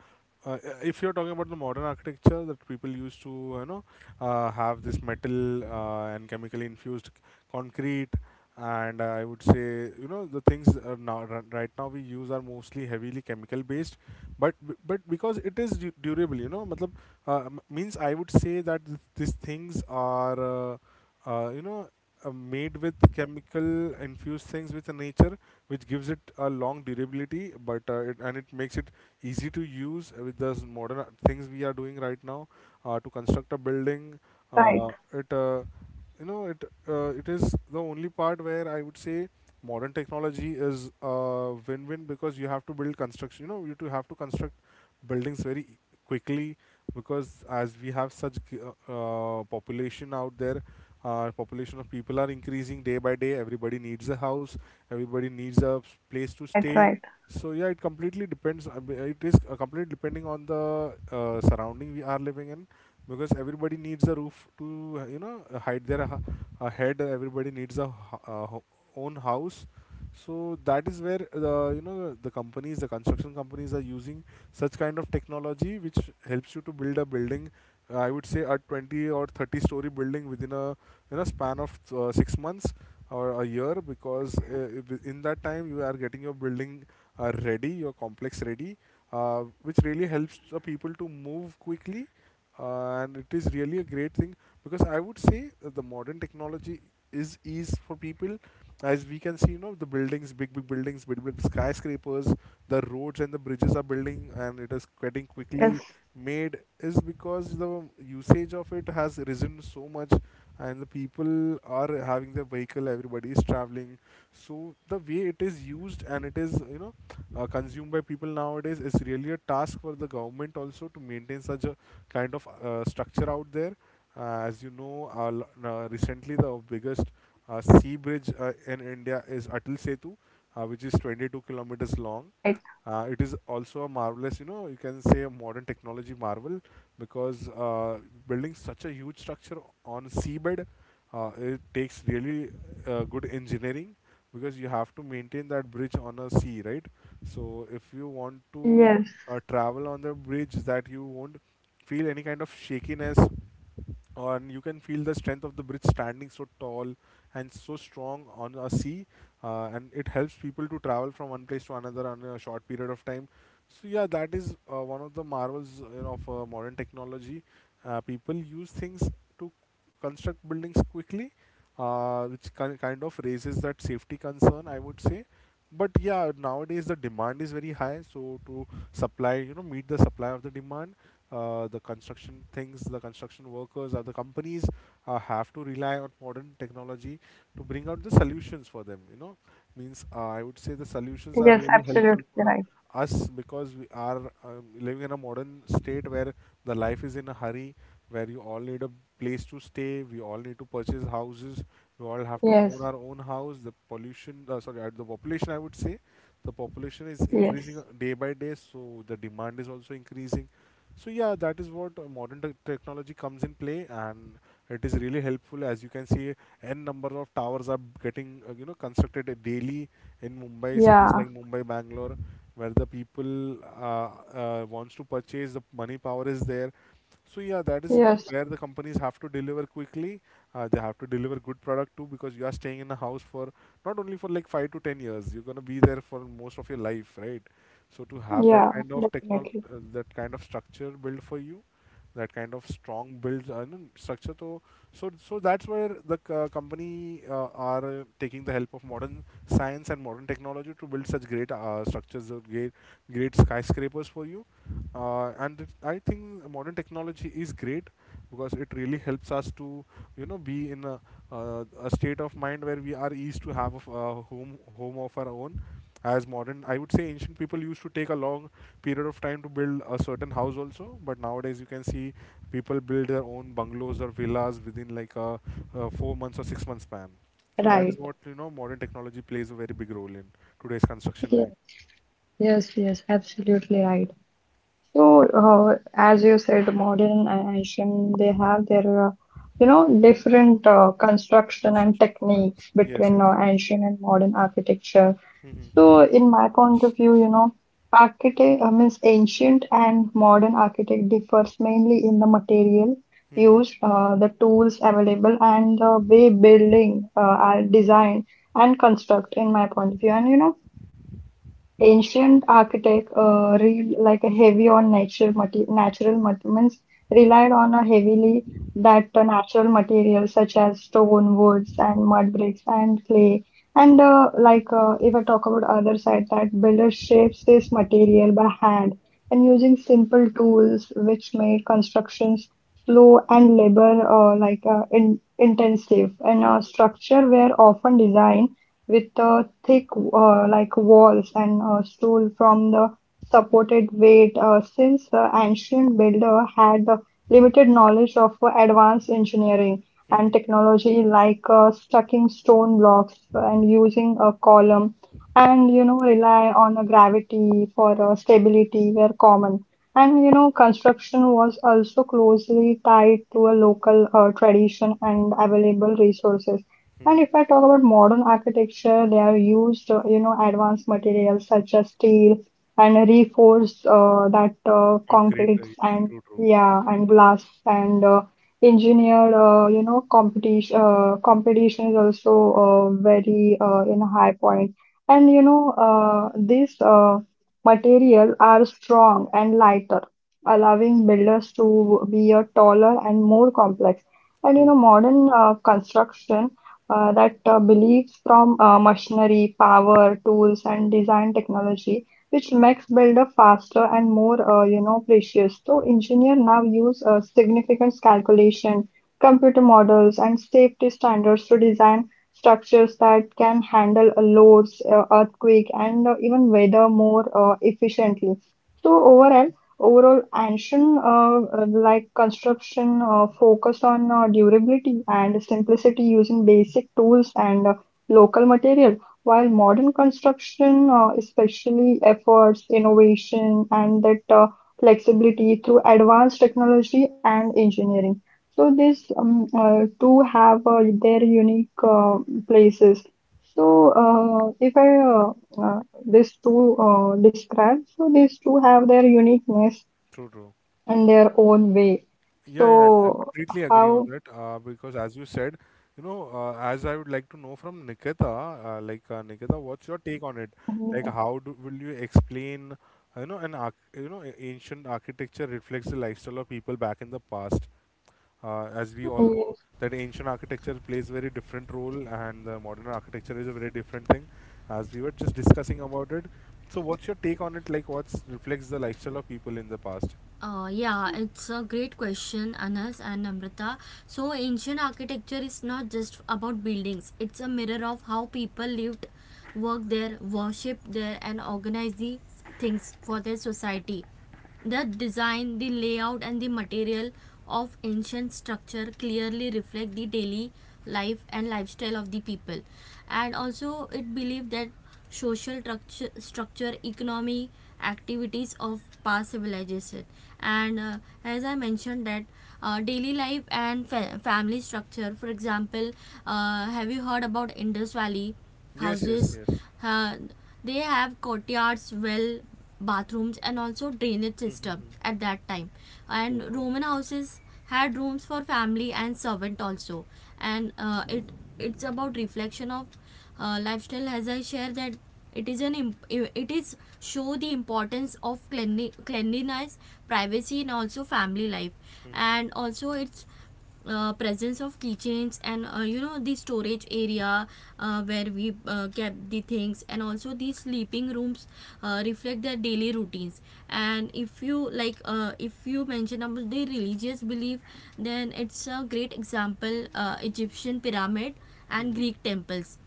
Speaker 2: uh, if you're talking about the modern architecture that people used to, you know, have this metal and chemically infused concrete, and I would say, you know, the things are now right now we use are mostly heavily chemical based, but but because it is durable, you know, matlab, means I would say that these things are. You know, made with chemical infused things with the nature, which gives it a long durability, but and it makes it easy to use with the modern things we are doing right now to construct a building.
Speaker 1: Right,
Speaker 2: It you know it, it is the only part where I would say modern technology is a win-win, because you have to build construction. You know you to have to construct buildings very quickly, because as we have such population out there, population of people are increasing day by day. Everybody needs a house, everybody needs a place to
Speaker 1: right,
Speaker 2: stay.
Speaker 1: right.
Speaker 2: So yeah, it completely depends. I mean, it is completely depending on the surrounding we are living in, because everybody needs a roof to, you know, hide their head. Everybody needs a, own house. So that is where the, you know, the companies, the construction companies are using such kind of technology which helps you to build a building, I would say a 20 or 30-story building within a, you know, span of 6 months or a year, because in that time you are getting your building ready, your complex ready, which really helps the people to move quickly. And it is really a great thing, because I would say that the modern technology is ease for people. As we can see, you know, the buildings, big, big skyscrapers, the roads and the bridges are building, and it is getting
Speaker 1: Yes,
Speaker 2: quickly made, is because the usage of it has risen so much, and the people are having their vehicle, everybody is traveling, so the way it is used and it is, you know, consumed by people nowadays is really a task for the government also to maintain such a kind of structure out there. uh, as you know, recently the biggest sea bridge in India is Atal Setu, which is 22 km kilometers long.
Speaker 1: right.
Speaker 2: It is also a marvelous, you know, you can say a modern technology marvel because building such a huge structure on seabed, it takes really good engineering because you have to maintain that bridge on a sea, right? So if you want to
Speaker 1: Yes,
Speaker 2: travel on the bridge, that you won't feel any kind of shakiness, and you can feel the strength of the bridge standing so tall and so strong on a sea, and it helps people to travel from one place to another on a short period of time. So yeah, that is one of the marvels, you know, of modern technology. People use things to construct buildings quickly, which kind of raises that safety concern, I would say. But yeah, nowadays the demand is very high, so to supply, you know, meet the supply of the demand, the construction things, the construction workers or the companies have to rely on modern technology to bring out the solutions for them, you know. Means, I would say the solutions are
Speaker 1: yes,
Speaker 2: really helpful
Speaker 1: absolutely
Speaker 2: for
Speaker 1: right.
Speaker 2: us, because we are living in a modern state where the life is in a hurry, where you all need a place to stay, we all need to purchase houses, we all have to
Speaker 1: Yes,
Speaker 2: own our own house. The pollution, sorry, the population, I would say, the population is
Speaker 1: yes,
Speaker 2: increasing day by day, so the demand is also increasing. So yeah, that is what modern technology comes in play, and it is really helpful. As you can see, n number of towers are getting, you know, constructed daily in Mumbai, cities
Speaker 1: yeah,
Speaker 2: like Mumbai, Bangalore, where the people uh, wants to purchase. The money power is there. So yeah, that is
Speaker 1: yes,
Speaker 2: where the companies have to deliver quickly. They have to deliver good product too, because you are staying in a house for, not only for like 5 to 10 years. You're gonna be there for most of your life, right? So to have
Speaker 1: yeah, definitely,
Speaker 2: that kind of structure built for you, that kind of strong build no, structure. So that's where the company are taking the help of modern science and modern technology to build such great structures, or great skyscrapers for you. I think modern technology is great, because it really helps us to, you know, be in a state of mind where we are eased to have a home of our own. As modern, I would say, ancient people used to take a long period of time to build a certain house also. But nowadays you can see people build their own bungalows or villas within like a 4 months or 6 months span, so that is
Speaker 1: right.
Speaker 2: what, you know, modern technology plays a very big role in today's
Speaker 1: Yes. Yes, yes, absolutely right. So, as you said, modern and ancient, they have their, you know, different construction and
Speaker 2: construction styles.
Speaker 1: techniques
Speaker 2: Yes,
Speaker 1: between
Speaker 2: yes.
Speaker 1: ancient and modern architecture.
Speaker 2: Mm-hmm.
Speaker 1: So, in my point of view, you know, architect means ancient and modern architect differs mainly in the material
Speaker 2: Mm-hmm.
Speaker 1: used, the tools available, and the way building are designed and construct. In my point of view, and you know. Ancient architect re like a heavy on nature mate natural mat means relied on a heavily that natural materials such as stone, woods, and mud bricks and clay. And like if I talk about other side, that builder shapes this material by hand and using simple tools which make constructions slow and labor like in intensive, and structure were often designed with a thick like walls and a stool from the supported weight since the ancient builder had limited knowledge of advanced engineering and technology like stacking stone blocks and using a column, and you know rely on a gravity for stability were common. And you know construction was also closely tied to a local tradition and available resources. And
Speaker 2: Mm-hmm.
Speaker 1: if I talk about modern architecture, they are used, you know, advanced materials such as steel and reinforced that
Speaker 2: Concrete,
Speaker 1: concretes and
Speaker 2: true.
Speaker 1: yeah, and glass and engineered, you know, competition. Competition is also very in a high point. And you know, these materials are strong and lighter, allowing builders to be a taller and more complex. And you
Speaker 2: True.
Speaker 1: know, modern construction that believes from machinery, power, tools, and design technology, which makes builder faster and more, you know, precious. So engineers now use significant calculation, computer models, and safety standards to design structures that can handle loads, earthquake, and even weather more efficiently. So overall Overall, ancient like construction focused on durability and simplicity using basic tools and local material, while modern construction especially efforts innovation and that flexibility through advanced technology and engineering. So these two have their unique places. So if I uh, uh, these two describe. So these two have their uniqueness
Speaker 2: True, true.
Speaker 1: and their own way.
Speaker 2: Yeah, yeah, I
Speaker 1: So
Speaker 2: completely agree on
Speaker 1: how?
Speaker 2: that. Because as you said, you know, as I would like to know from Nikita, Nikita, what's your take on it? Like, how do, will you explain, you know, an arch you know, a- ancient architecture reflects the lifestyle of people back in the past. As we all know,
Speaker 1: Yes,
Speaker 2: that ancient architecture plays very different role, and the modern architecture is a very different thing, as we were just discussing about it. So, what's your take on it? Like, what's reflects the lifestyle of people in the past?
Speaker 3: Yeah, it's a great question, Anas and Namrata. So, ancient architecture is not just about buildings, it's a mirror of how people lived, worked there, worshipped there, and organized these things for their society. The design, the layout, and the material of ancient structure clearly reflect the daily life and lifestyle of the people. And also, it believed that social structure, structure, economy, activities of past civilization. And as I mentioned, that daily life and family structure. For example, have you heard about Indus Valley
Speaker 2: Yes, yes,
Speaker 3: houses?
Speaker 2: yes.
Speaker 3: Uh, they have courtyards, well, bathrooms, and also drainage system
Speaker 2: Mm-hmm.
Speaker 3: at that time,
Speaker 2: True,
Speaker 3: and
Speaker 2: true.
Speaker 3: Roman houses had rooms for family and servant also. And uh, it it's about reflection of lifestyle. As I share that, it is an it is show the importance of cleanliness, privacy, and also family life.
Speaker 2: Mm-hmm.
Speaker 3: And also it's Presence of keychains and the storage area where we kept the things, and also the sleeping rooms reflect their daily routines. And if you like, if you mention about the religious belief, then it's a great example, Egyptian pyramid and
Speaker 2: Mm-hmm.
Speaker 3: Greek temples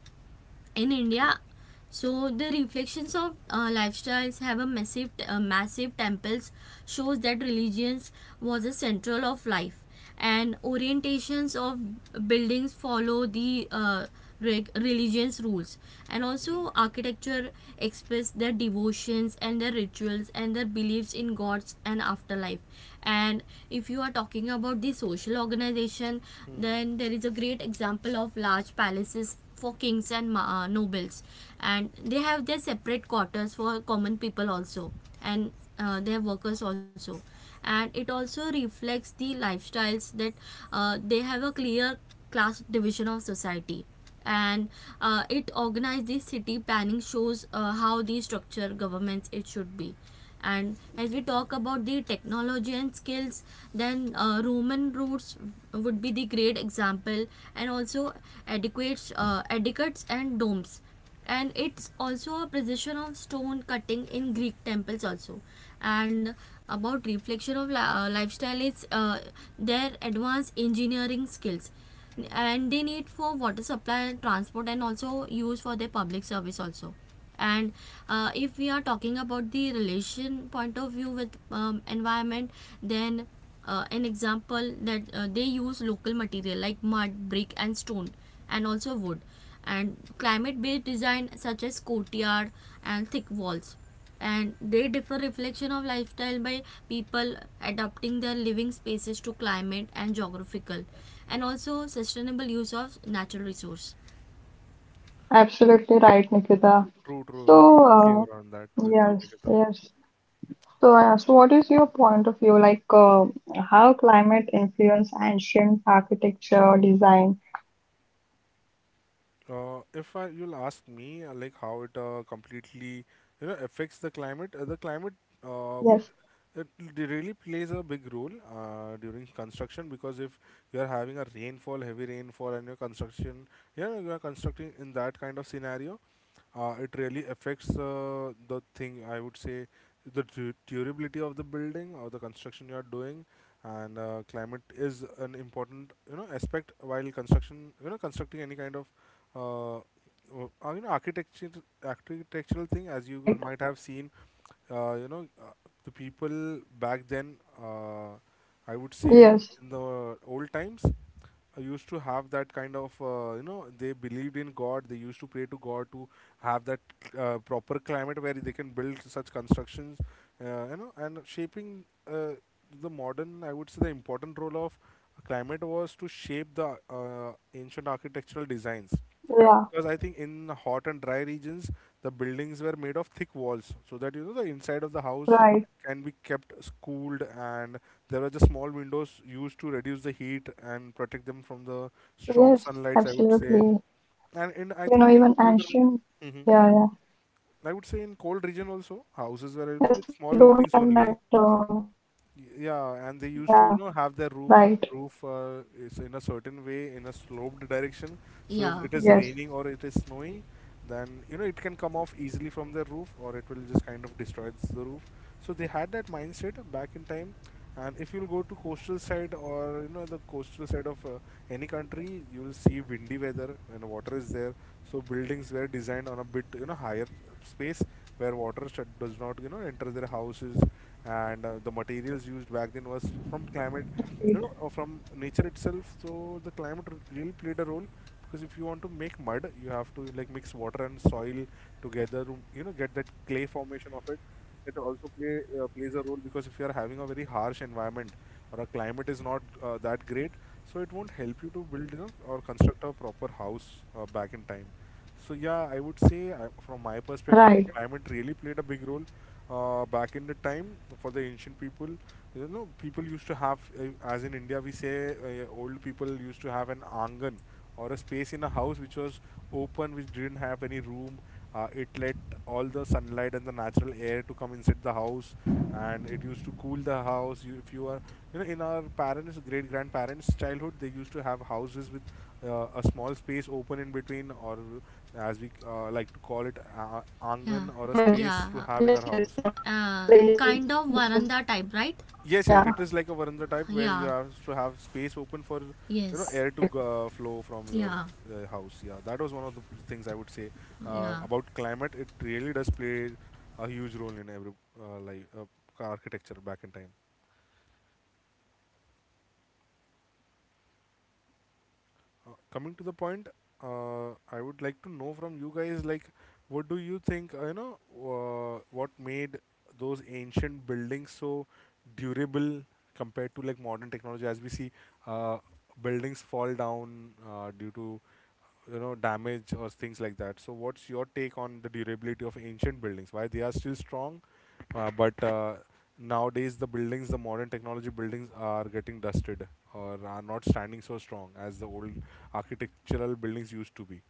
Speaker 3: in India.
Speaker 2: True.
Speaker 3: So the reflections of lifestyles have a massive, massive temples shows that religions was a central of life, and orientations of buildings follow the religion's rules, and
Speaker 2: Mm-hmm.
Speaker 3: also architecture express their devotions and their rituals and their beliefs in gods and afterlife. And if you are talking about the social organization,
Speaker 2: Mm-hmm.
Speaker 3: then there is a great example of large palaces for kings and nobles, and they have their separate quarters for common people also, and their workers also. And it also reflects the lifestyles that they have a clear class division of society, and it organized the city planning, shows how the structure governments it should be. And as we talk about the technology and skills, then Roman routes would be the great example, and also adequate, etiquettes and domes, and it's also a precision of stone cutting in Greek temples also. And about reflection of lifestyle is their advanced engineering skills, and they need for water supply, transport, and also use for their public service also. And if we are talking about the relation point of view with environment, then an example that they use local material like mud brick and stone and also wood, and climate based design such as courtyard and thick walls. And they differ reflection of lifestyle by people adapting their living spaces to climate and geographical, and also sustainable use of natural resource.
Speaker 1: absolutely right, Nikita.
Speaker 2: True, true, true.
Speaker 1: So
Speaker 2: We completely agree on that with you,
Speaker 1: yes,
Speaker 2: Nikita.
Speaker 1: yes. So, so what is your point of view, like how climate influence ancient architecture design?
Speaker 2: If I, you'll ask me, like how it completely, you know, affects the climate. The climate would
Speaker 1: Yes,
Speaker 2: it really plays a big role during construction, because if you're having a rainfall, heavy rainfall, and your construction, yeah, you are constructing in that kind of scenario. It really affects, the thing, I would say, the durability of the building or the construction you are doing. And climate is an important, you know, aspect while construction you know, constructing any kind of uh, you know, architecture architectural thing, as you
Speaker 1: right.
Speaker 2: might have seen. You know, the people back then, uh, I would say,
Speaker 1: Yes,
Speaker 2: in the old times, used to have that kind of, you know, they believed in God, they used to pray to God to have that proper climate where they can build such constructions, you know. And shaping, uh, the modern, I would say, the important role of climate was to shape the ancient architectural designs,
Speaker 1: yeah,
Speaker 2: because I think in hot and dry regions the buildings were made of thick walls, so that you know the inside of the house
Speaker 1: right.
Speaker 2: can be kept cooled, and there were just small windows used to reduce the heat and protect them from the
Speaker 1: Yes,
Speaker 2: strong sunlights,
Speaker 1: absolutely.
Speaker 2: I would say.
Speaker 1: You know,
Speaker 2: And in,
Speaker 1: even
Speaker 2: I think in
Speaker 1: ancient,
Speaker 2: colder,
Speaker 1: yeah, yeah.
Speaker 2: I would say
Speaker 1: Yes,
Speaker 2: in
Speaker 1: they
Speaker 2: cold
Speaker 1: don't
Speaker 2: region
Speaker 1: have
Speaker 2: also,
Speaker 1: that.
Speaker 2: houses were, you know, with small openings only.
Speaker 1: Yeah, right.
Speaker 2: Yeah, and they used to, you know, have their roof is in a certain way, in a sloped
Speaker 1: Yes,
Speaker 2: direction. So if
Speaker 3: Yeah.
Speaker 2: it is raining or it is snowy, then you know it can come off easily from the roof, or it will just kind of destroy the roof. So they had that mindset back in time. And if you'll go to coastal side, or you know, the coastal side of any country, you will see windy weather and water is there. So buildings were designed on a bit, you know, higher space, where water should, does not, you know, enter their houses. And the materials
Speaker 1: it,
Speaker 2: used back then was from climate, you know, from nature itself. So the climate really played a role, because if you want to make mud, you have to like mix water and soil together, you know, get that clay formation of it. It also plays a role, because if you are having a very harsh environment, or a climate is not that great, so it won't help you to build, you know, or construct a proper house back in time. So yeah, I would
Speaker 1: right.
Speaker 2: say, from my perspective, climate really played a big role back in the time for the ancient people. You know, people used to have, as in India, we say, old people used to have an angan, or a space in a house which was open, which didn't have any room. It let all the sunlight and the natural air to come inside the house, and it used to cool the house. If you are, you know, in our parents, great grandparents childhood, they used to have houses with a small space open in between, or as we
Speaker 1: Yes,
Speaker 2: like to call it,
Speaker 1: yes, yes. That
Speaker 3: Yeah.
Speaker 2: angan, or a
Speaker 1: place is
Speaker 2: space to
Speaker 3: Yeah,
Speaker 2: have in
Speaker 1: just,
Speaker 2: our house.
Speaker 1: yeah,
Speaker 3: kind of veranda type, right?
Speaker 2: Yes, yes, it is like a veranda type where you
Speaker 3: Yeah.
Speaker 2: have to
Speaker 1: right.
Speaker 2: have space open for, you know,
Speaker 3: Yes.
Speaker 2: air to flow from your
Speaker 3: Yeah.
Speaker 2: house. Yeah, that was one of the things, I would say,
Speaker 3: Yeah.
Speaker 2: about climate. It really does play a huge role in every uh, like uh, architecture back in time. Coming to the point, I would like to know from you guys, like, what do you think? You know, what made those ancient buildings so durable compared to like modern technology? As we see, uh, buildings fall down due to, you know, damage or things like that. So what's your take on the durability of ancient buildings? Why they are still strong, but nowadays the buildings, the modern technology buildings are getting dusted, or are not standing so strong as the old architectural buildings used to be.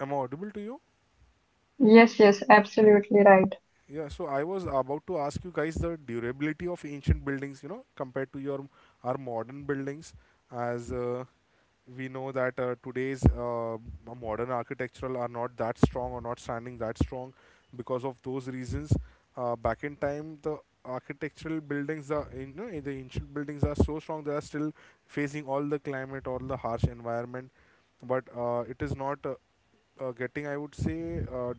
Speaker 2: Am I audible to you?
Speaker 1: Yes, yes,
Speaker 2: Yeah.
Speaker 1: absolutely right.
Speaker 2: Yeah, so I was about to ask you guys the durability of ancient buildings, you know, compared to your our modern buildings, as, we know that, today's modern architectural are not that strong or not standing that strong, because of those reasons. Back in time, the architectural buildings, are, you know, the ancient buildings are so strong, they are still facing all the climate, all the harsh environment, but it is not. Getting, I would say, uh,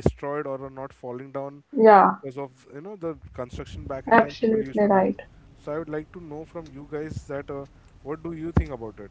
Speaker 2: destroyed, or are not falling down,
Speaker 1: Yeah,
Speaker 2: because of, you know, the construction back in time people used
Speaker 1: absolutely
Speaker 2: to do.
Speaker 1: right.
Speaker 2: So I would like to know from you guys that, what do you think about it?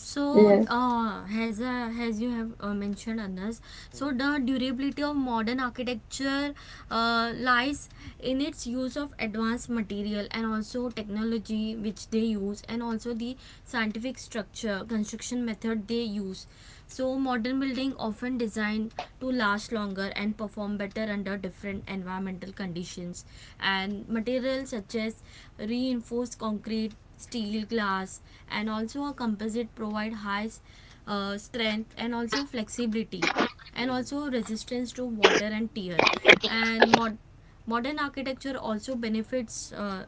Speaker 3: So
Speaker 1: Yes,
Speaker 3: as you have mentioned, Anas, so
Speaker 2: Mhm,
Speaker 3: the durability of modern architecture lies in its use of advanced material and also technology which they use, and also the scientific structure construction method they use. So modern building often designed to last longer and perform better under different environmental conditions, and materials such as reinforced concrete, steel, glass, and also a composite provide high strength and also flexibility, and
Speaker 2: mhm,
Speaker 3: also resistance to water and tear. and mod- Modern architecture also benefits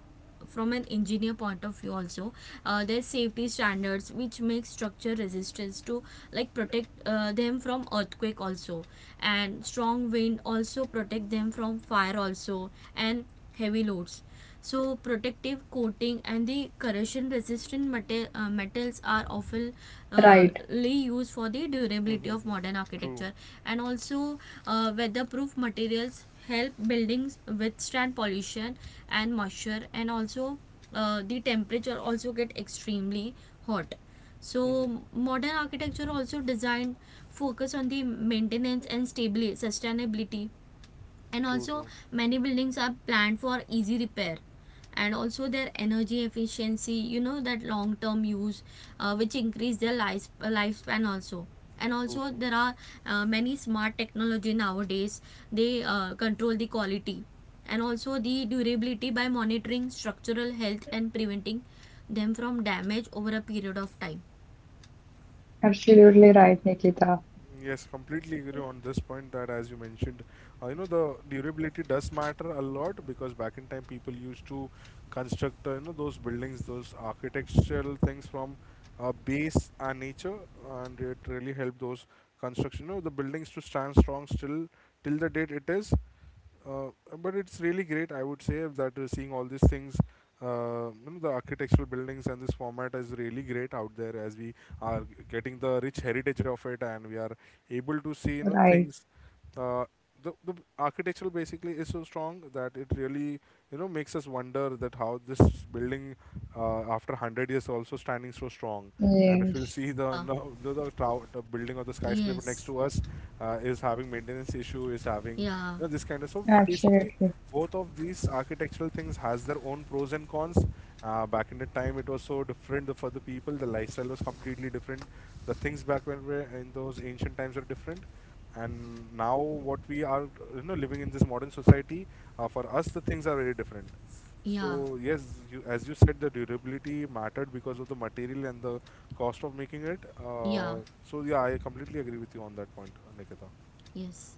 Speaker 3: from an engineer point of view also. There's safety standards which make structure resistance to, like, protect them from earthquake also, and strong wind, also protect them from fire also, and heavy loads. So, protective coating and the corrosion resistant metals are often uh,
Speaker 1: right.
Speaker 3: used for the
Speaker 2: mhm,
Speaker 3: durability of
Speaker 2: mhm.
Speaker 3: modern
Speaker 2: True.
Speaker 3: architecture. And also weatherproof materials help buildings withstand pollution and moisture, and also the temperature also get extremely hot.
Speaker 2: Mhm.
Speaker 3: So modern architecture also designed focus on the maintenance and stability sustainability, and
Speaker 2: True,
Speaker 3: also
Speaker 2: true,
Speaker 3: many buildings are planned for easy repair, and also their energy efficiency, you know, that long term use, which increase their lifespan also. And
Speaker 2: true,
Speaker 3: also
Speaker 2: true.
Speaker 3: there are many smart technology nowadays, they control the quality and also the durability by monitoring structural health and preventing them from damage over a period of time.
Speaker 1: Absolutely right, Nikita.
Speaker 2: Yes, completely agree on this point that as you mentioned, the durability does matter a lot because back in time people used to construct those buildings, those architectural things from base and nature, and it really helped those construction, the buildings to stand strong still till the date it is. Uh, but it's really great, I would say, that seeing all these things, the architectural buildings and this format is really great out there as we are getting the rich heritage of it, and we are able to see,
Speaker 1: Right.
Speaker 2: things. Uh, the architectural basically is so strong that it really, makes us wonder that how this building, after 100 years, also standing so strong. And if you'll
Speaker 1: Yes,
Speaker 2: see the
Speaker 3: Yeah.
Speaker 2: no, the tower, the building of the skyscraper
Speaker 3: Yes.
Speaker 2: next to us is having maintenance issue, is having
Speaker 3: Yeah.
Speaker 2: know, this kind of, so basically
Speaker 1: absolutely.
Speaker 2: both of these architectural things has their own pros and cons. Back in the time, it was so different for the people, the lifestyle was completely different, the things back when we in those ancient times were different, and now what we are, living in this modern society, for us the things are very different.
Speaker 3: Yeah.
Speaker 2: So yes, you, as you said, the durability mattered because of the material and the cost of making it.
Speaker 3: Yeah.
Speaker 2: So yeah, I completely agree with you on that point, Nikita.
Speaker 3: Yes.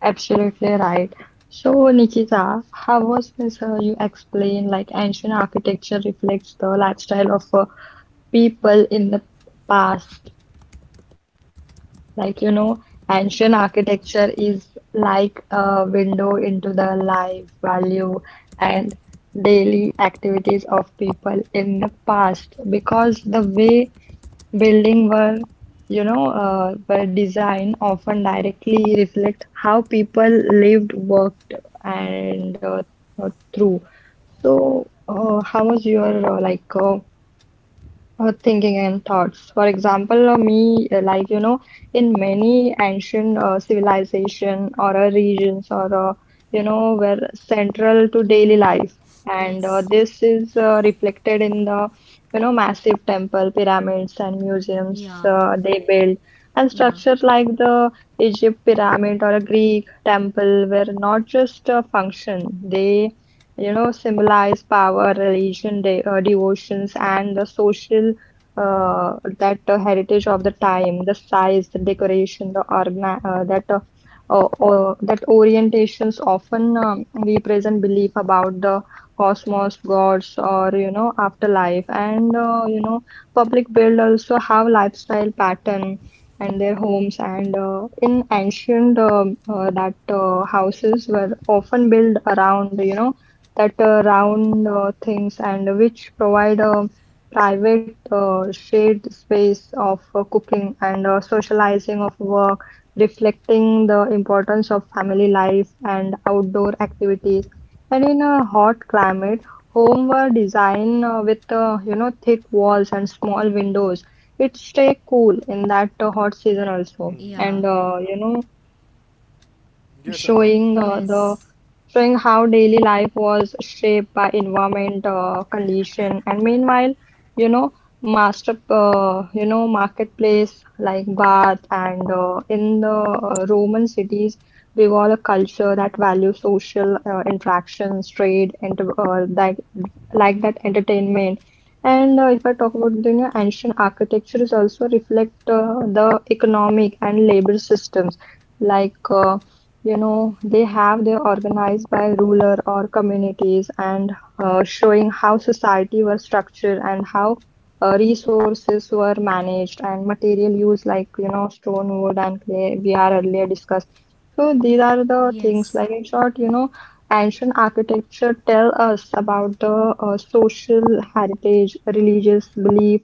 Speaker 1: Absolutely right. So, Nikita, how was this you explain like ancient architecture reflects the lifestyle of people in the past? Like, you know, ancient architecture is like a window into the life, value, and daily activities of people in the past because the way building were, you know, were designed often directly reflect how people lived, worked, and through. So, how was your thinking and thoughts. For example, me like you know, in many ancient civilization or regions or you know were central to daily
Speaker 3: Hmm.
Speaker 1: life, and
Speaker 3: Yes.
Speaker 1: this is reflected in the you know massive temple, pyramids, and museums
Speaker 3: Yeah,
Speaker 1: they built. And
Speaker 3: yeah,
Speaker 1: structures like the Egypt pyramid or a Greek temple were not just a function; they you know, symbolize power, religion, de devotions, and the social uh, that heritage of the time, the size, the decoration, the organ that that orientations often represent belief about the cosmos, gods, or you know, afterlife, and you know, public build also have lifestyle pattern. And their homes, and in ancient that houses were often built around, you know, that round things and which provide a private shared space of cooking and socializing of work, reflecting the importance of family life and outdoor activities. And in a hot climate, home were designed with you know thick walls and small windows. It stay cool in that hot season also,
Speaker 2: Hmm.
Speaker 3: yeah.
Speaker 1: and you know
Speaker 2: Yes,
Speaker 1: showing uh, the
Speaker 3: Yes,
Speaker 1: showing how daily life was shaped by environment condition, and meanwhile you know master you know marketplace like bath and in the roman cities revolve a culture that values social interactions trade and like that entertainment. And if I talk about the you know, ancient architecture is also reflect the economic and labor systems like you know they have they organized by ruler or communities, and showing how society was structured and how resources were managed and material use like you know stone wood and clay we are earlier discussed. So these are the
Speaker 3: yes.
Speaker 1: things, like in short you know ancient architecture tell us about the social heritage religious
Speaker 2: Mhm,
Speaker 1: belief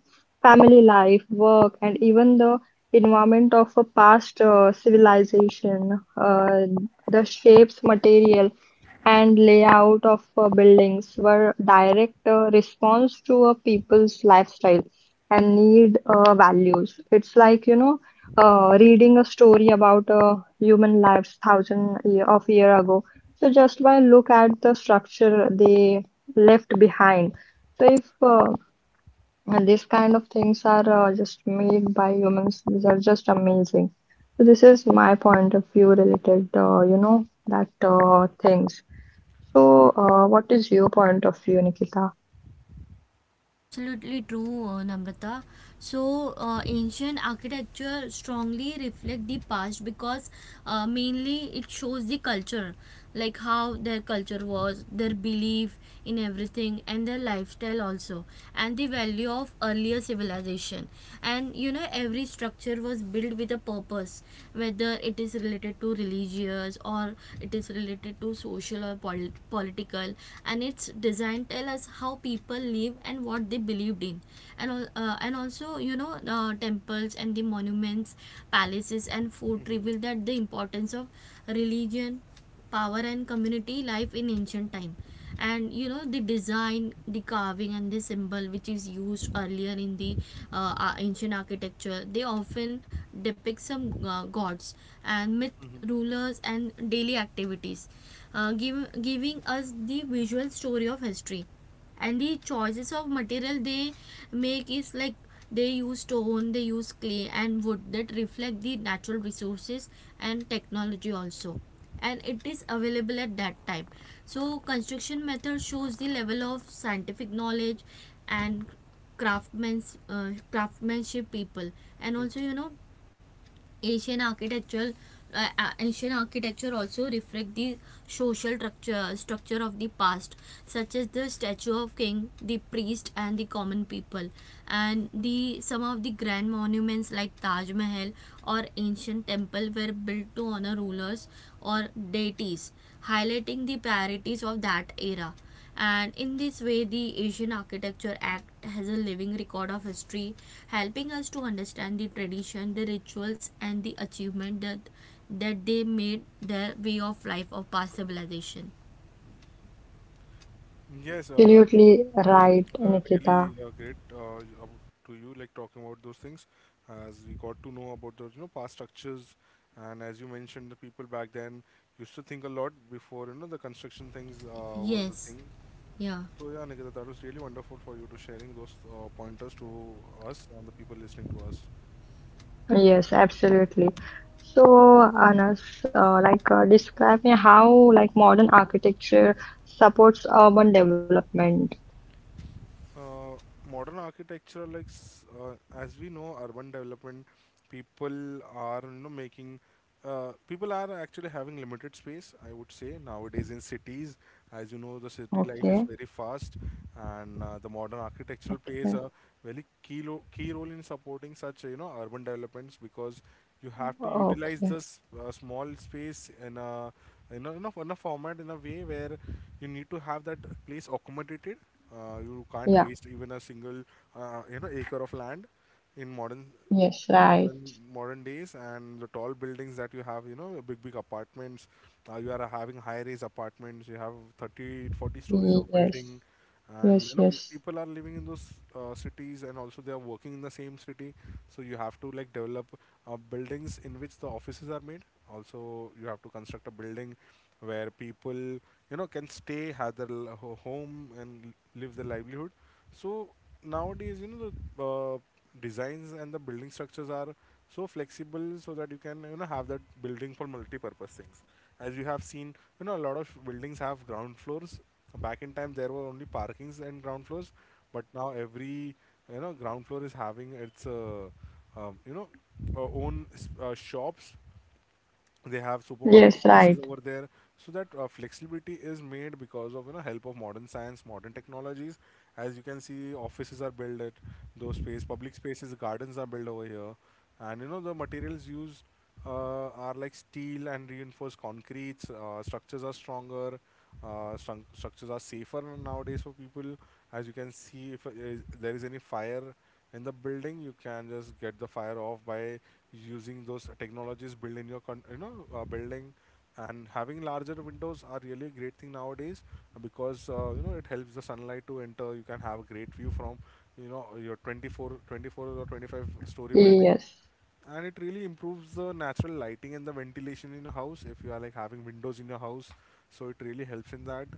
Speaker 1: family life work and even the environment of a past civilization, the shapes, material, and layout of buildings were direct response to a people's lifestyle and need values. It's like you know, reading a story about human lives thousand year ago. So just by look at the structure they left behind. So if and these kind of things are just made by humans, which are just amazing. So this is my point of view related, you know, that things. So what is your point of view, Nikita?
Speaker 3: Absolutely true, Namrata. So, ancient architecture strongly reflect the past because mainly it shows the culture, like how their culture was, their belief in everything, and their lifestyle also, and the value of earlier civilization. And you know, every structure was built with a purpose, whether it is related to religious or it is related to social or political, and its design tell us how people live and what they believed in. And al- and Also you know, temples and the monuments, palaces and fort
Speaker 2: mhm,
Speaker 3: reveal that the importance of religion, power, and community life in ancient time. And you know, the design, the carving, and the symbol which is used earlier in the ancient architecture, they often depict some gods and myth,
Speaker 2: mhm.
Speaker 3: rulers and daily activities, giving us the visual story of history. And the choices of material they make is like they use stone, they use clay and wood, that reflect the natural resources and technology also, and it is available at that time. So construction method shows the level of scientific knowledge and craftsmanship people. And also you know, Asian architectural Asian architecture also reflect the social structure of the past, such as the statue of king, the priest, and the common people, and the some of the grand monuments like Taj Mahal or ancient temple were built to honor rulers or deities, highlighting the priorities of that era. And in this way, the Asian Architecture Act has a living record of history, helping us to understand the tradition, the rituals, and the achievement that they made their way of life of past civilization.
Speaker 2: Yes, uh,
Speaker 1: Absolutely
Speaker 2: that was
Speaker 1: right, Nikita.
Speaker 2: really great, to you, like talking about those things, as we got to know about those, past structures, and as you mentioned, the people back then used to think a lot before, the construction things was a
Speaker 3: Yes,
Speaker 2: thing.
Speaker 3: yeah.
Speaker 2: So yeah, Nikita, that was really wonderful for you to sharing those pointers to us and the people listening to us.
Speaker 1: Yes, absolutely. So Anas, describe me how like modern architecture supports urban development.
Speaker 2: uh, Modern architecture, like as we know urban development, people are, making, people are actually having limited space, I would say nowadays in cities. As you know, the city life is
Speaker 1: Okay.
Speaker 2: very fast, and the modern architectural plays
Speaker 1: Okay.
Speaker 2: a very key, key role in supporting such, urban developments, because you have to utilize
Speaker 1: Okay.
Speaker 2: this small space in a format, in a way where you need to have that place accommodated. You can't
Speaker 1: Yeah.
Speaker 2: waste even a single acre of land in modern
Speaker 1: Yes.
Speaker 2: you know
Speaker 1: Right.
Speaker 2: modern modern days, and the tall buildings that you have, big, big apartments. You are having high rise apartments, you have 30-40 stories of
Speaker 1: Yes.
Speaker 2: building, and you
Speaker 1: Yes,
Speaker 2: know
Speaker 1: yes.
Speaker 2: people are living in those cities, and also they are working in the same city. So you have to like develop buildings in which the offices are made. Also you have to construct a building where people, can stay, have their home and live their livelihood. So nowadays, the designs and the building structures are so flexible, so that you can, have that building for multi-purpose things. As you have seen, a lot of buildings have ground floors. Back in time, there were only parkings and ground floors, but now every, ground floor is having its um, you know own shops. They have supermarket
Speaker 1: Yes,
Speaker 2: places
Speaker 1: right.
Speaker 2: over there. So that flexibility is made because of, help of modern science, modern technologies. As you can see, offices are built at those space, public spaces, gardens are built over here. And you know the materials used uh, are like steel and reinforced concretes. Structures are stronger, structures are safer nowadays for people. As you can see, if there is any fire in the building, you can just get the fire off by using those technologies built in your building. And having larger windows are really a great thing nowadays, because you know it helps the sunlight to enter. You can have a great view from, your 24, 24 or 25-story building,
Speaker 1: Yes.
Speaker 2: and it really improves the natural lighting and the ventilation in your house if you are like having windows in your house. So it really helps in that.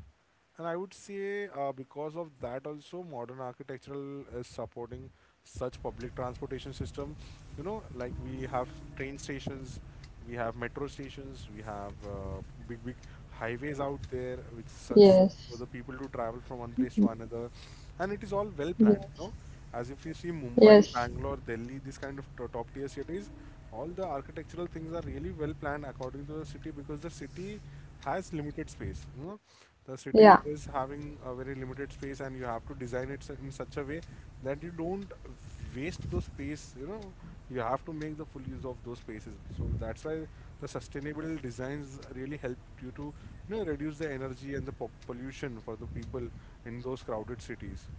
Speaker 2: And I would say, because of that, also modern architectural is supporting such public transportation system. You know, like we have train stations, we have metro stations. We have big, big highways out there, which
Speaker 1: Yes.
Speaker 2: for the people to travel from one place to another, and it is all well
Speaker 1: Yes.
Speaker 2: planned. You know, as if you see
Speaker 1: Yes.
Speaker 2: Mumbai, Bangalore, Delhi, these kind of top tier cities, all the architectural things are really well planned according to the city because the city has limited space. You know, the
Speaker 1: Yeah.
Speaker 2: city is having a very limited space, and you have to design it in such a way that you don't waste those space. You know, you have to make the full use of those spaces. So that's why the sustainable designs really help you to, reduce the energy and the pollution for the people in those crowded cities.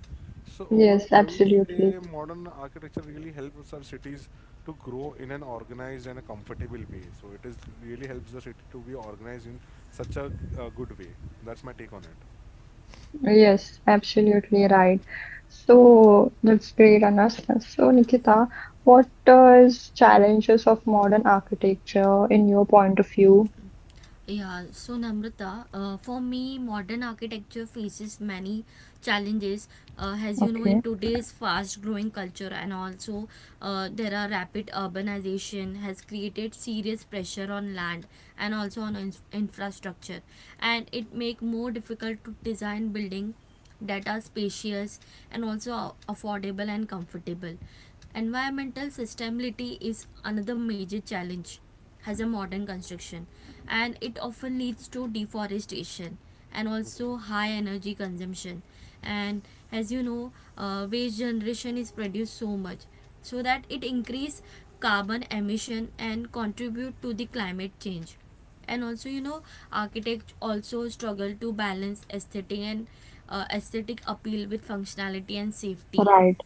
Speaker 2: So
Speaker 1: Yes,
Speaker 2: overall, I would
Speaker 1: absolutely.
Speaker 2: say modern architecture really helps our cities to grow in an organized and a comfortable way. So it is really helps the city to be organized in such a, good way. That's my take on it.
Speaker 1: Yes, absolutely right. So that's great, Anas. So Nikita, what is challenges of modern architecture in your point of view?
Speaker 3: Yeah, so Namrata, for me, modern architecture faces many challenges. As you know,
Speaker 1: Okay.
Speaker 3: in today's fast-growing culture, and also there are rapid urbanization has created serious pressure on land and also on infrastructure, and it make more difficult to design building that are spacious and also affordable and comfortable. Environmental sustainability is another major challenge has a modern construction, and it often leads to deforestation and also high energy consumption. And as you know, waste generation is produced so much, so that it increase carbon emission and contribute to the climate change. And also you know, architects also struggle to balance aesthetic and aesthetic appeal with functionality and safety,
Speaker 1: Right.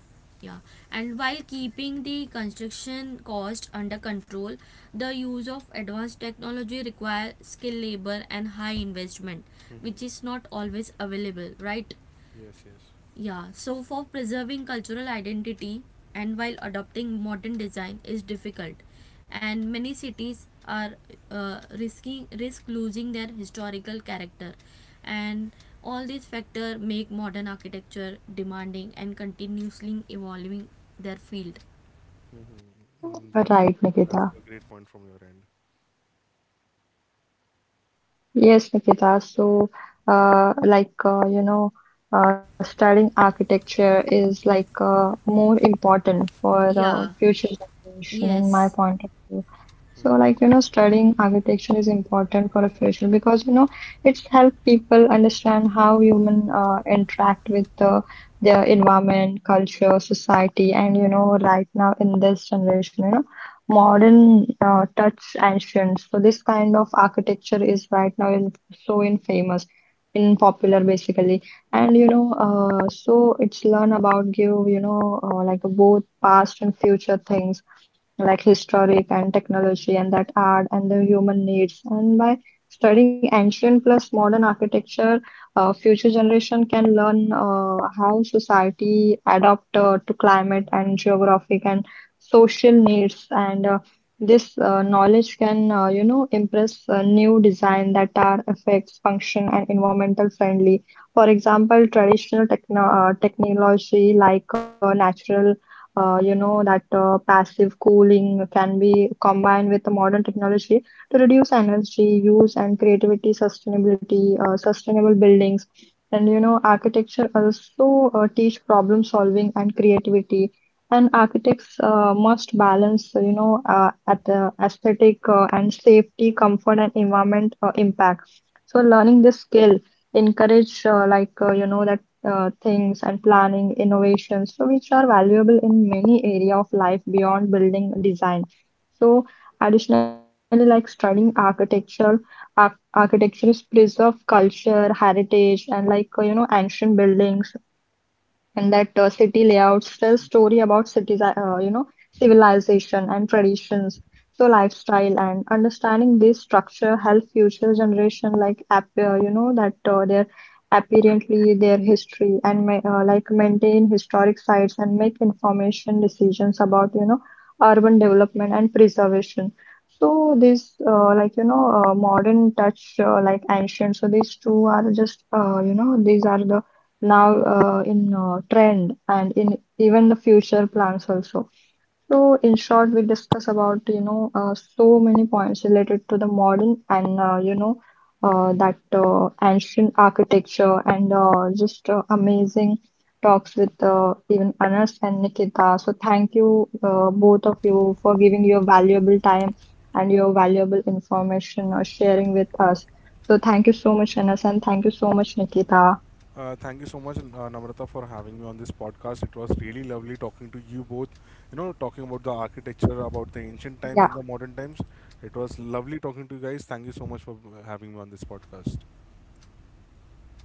Speaker 3: yeah, and while keeping the construction cost under control. The use of advanced technology requires skilled labor and high investment, which
Speaker 2: Mm-hmm.
Speaker 3: is not always available, right?
Speaker 2: Yes, yes.
Speaker 3: Yeah, so for preserving cultural identity and while adopting modern design is difficult, and many cities are risk losing their historical character, and all these factors make modern architecture demanding and continuously evolving their field.
Speaker 2: Mm-hmm. Mm, That's
Speaker 1: Right,
Speaker 2: that's
Speaker 1: Nikita.
Speaker 2: a great point from your end.
Speaker 1: Yes, Nikita. So, you know, studying architecture is like more important for
Speaker 3: Yeah.
Speaker 1: future generation, in my
Speaker 3: Yes.
Speaker 1: point of view. So, like, you know, studying architecture is important for a future because, you know, it's help people understand how human interact with the, their environment, culture, society, and, you know, right now in this generation, you know modern touch ancient. So this kind of architecture is right now in so in famous, in popular basically. And you know, so it's learn about give you know like both past and future things like historic and technology and that art and the human needs. And by studying ancient plus modern architecture, future generation can learn how society adapt to climate and geographic and social needs, and this knowledge can you know impress new design that are effects function and environmental friendly. For example, traditional technology like natural you know that passive cooling can be combined with the modern technology to reduce energy use and creativity sustainability sustainable buildings. And you know architecture also teach problem solving and creativity, and architects must balance, you know, at the aesthetic and safety, comfort and environment impact. So learning this skill encourage you know that things and planning innovations, so which are valuable in many area of life beyond building design. So additionally, like studying architecture, ar architecture is preserve culture, heritage, and like you know ancient buildings and that city layouts tell story about cities, you know, civilization and traditions. So lifestyle and understanding this structure help future generation like you know, that their apparently their history and ma like maintain historic sites and make information decisions about, you know, urban development and preservation. So this like you know modern touch like ancient. So these two are just you know these are the now in trend and in even the future plans also. So in short we discuss about you know so many points related to the modern and you know that ancient architecture and just amazing talks with even Anas and Nikita. So thank you both of you for giving your valuable time and your valuable information or sharing with us. So thank you so much Anas, and thank you so much Nikita.
Speaker 2: Thank you so much, Namrata, for having me on this podcast. It was really lovely talking to you both. You know, talking about the architecture, about the ancient times and
Speaker 1: Yeah.
Speaker 2: the modern times. It was lovely talking to you guys. Thank you so much for having me on this podcast.
Speaker 3: Thank you, Namrata and Anas.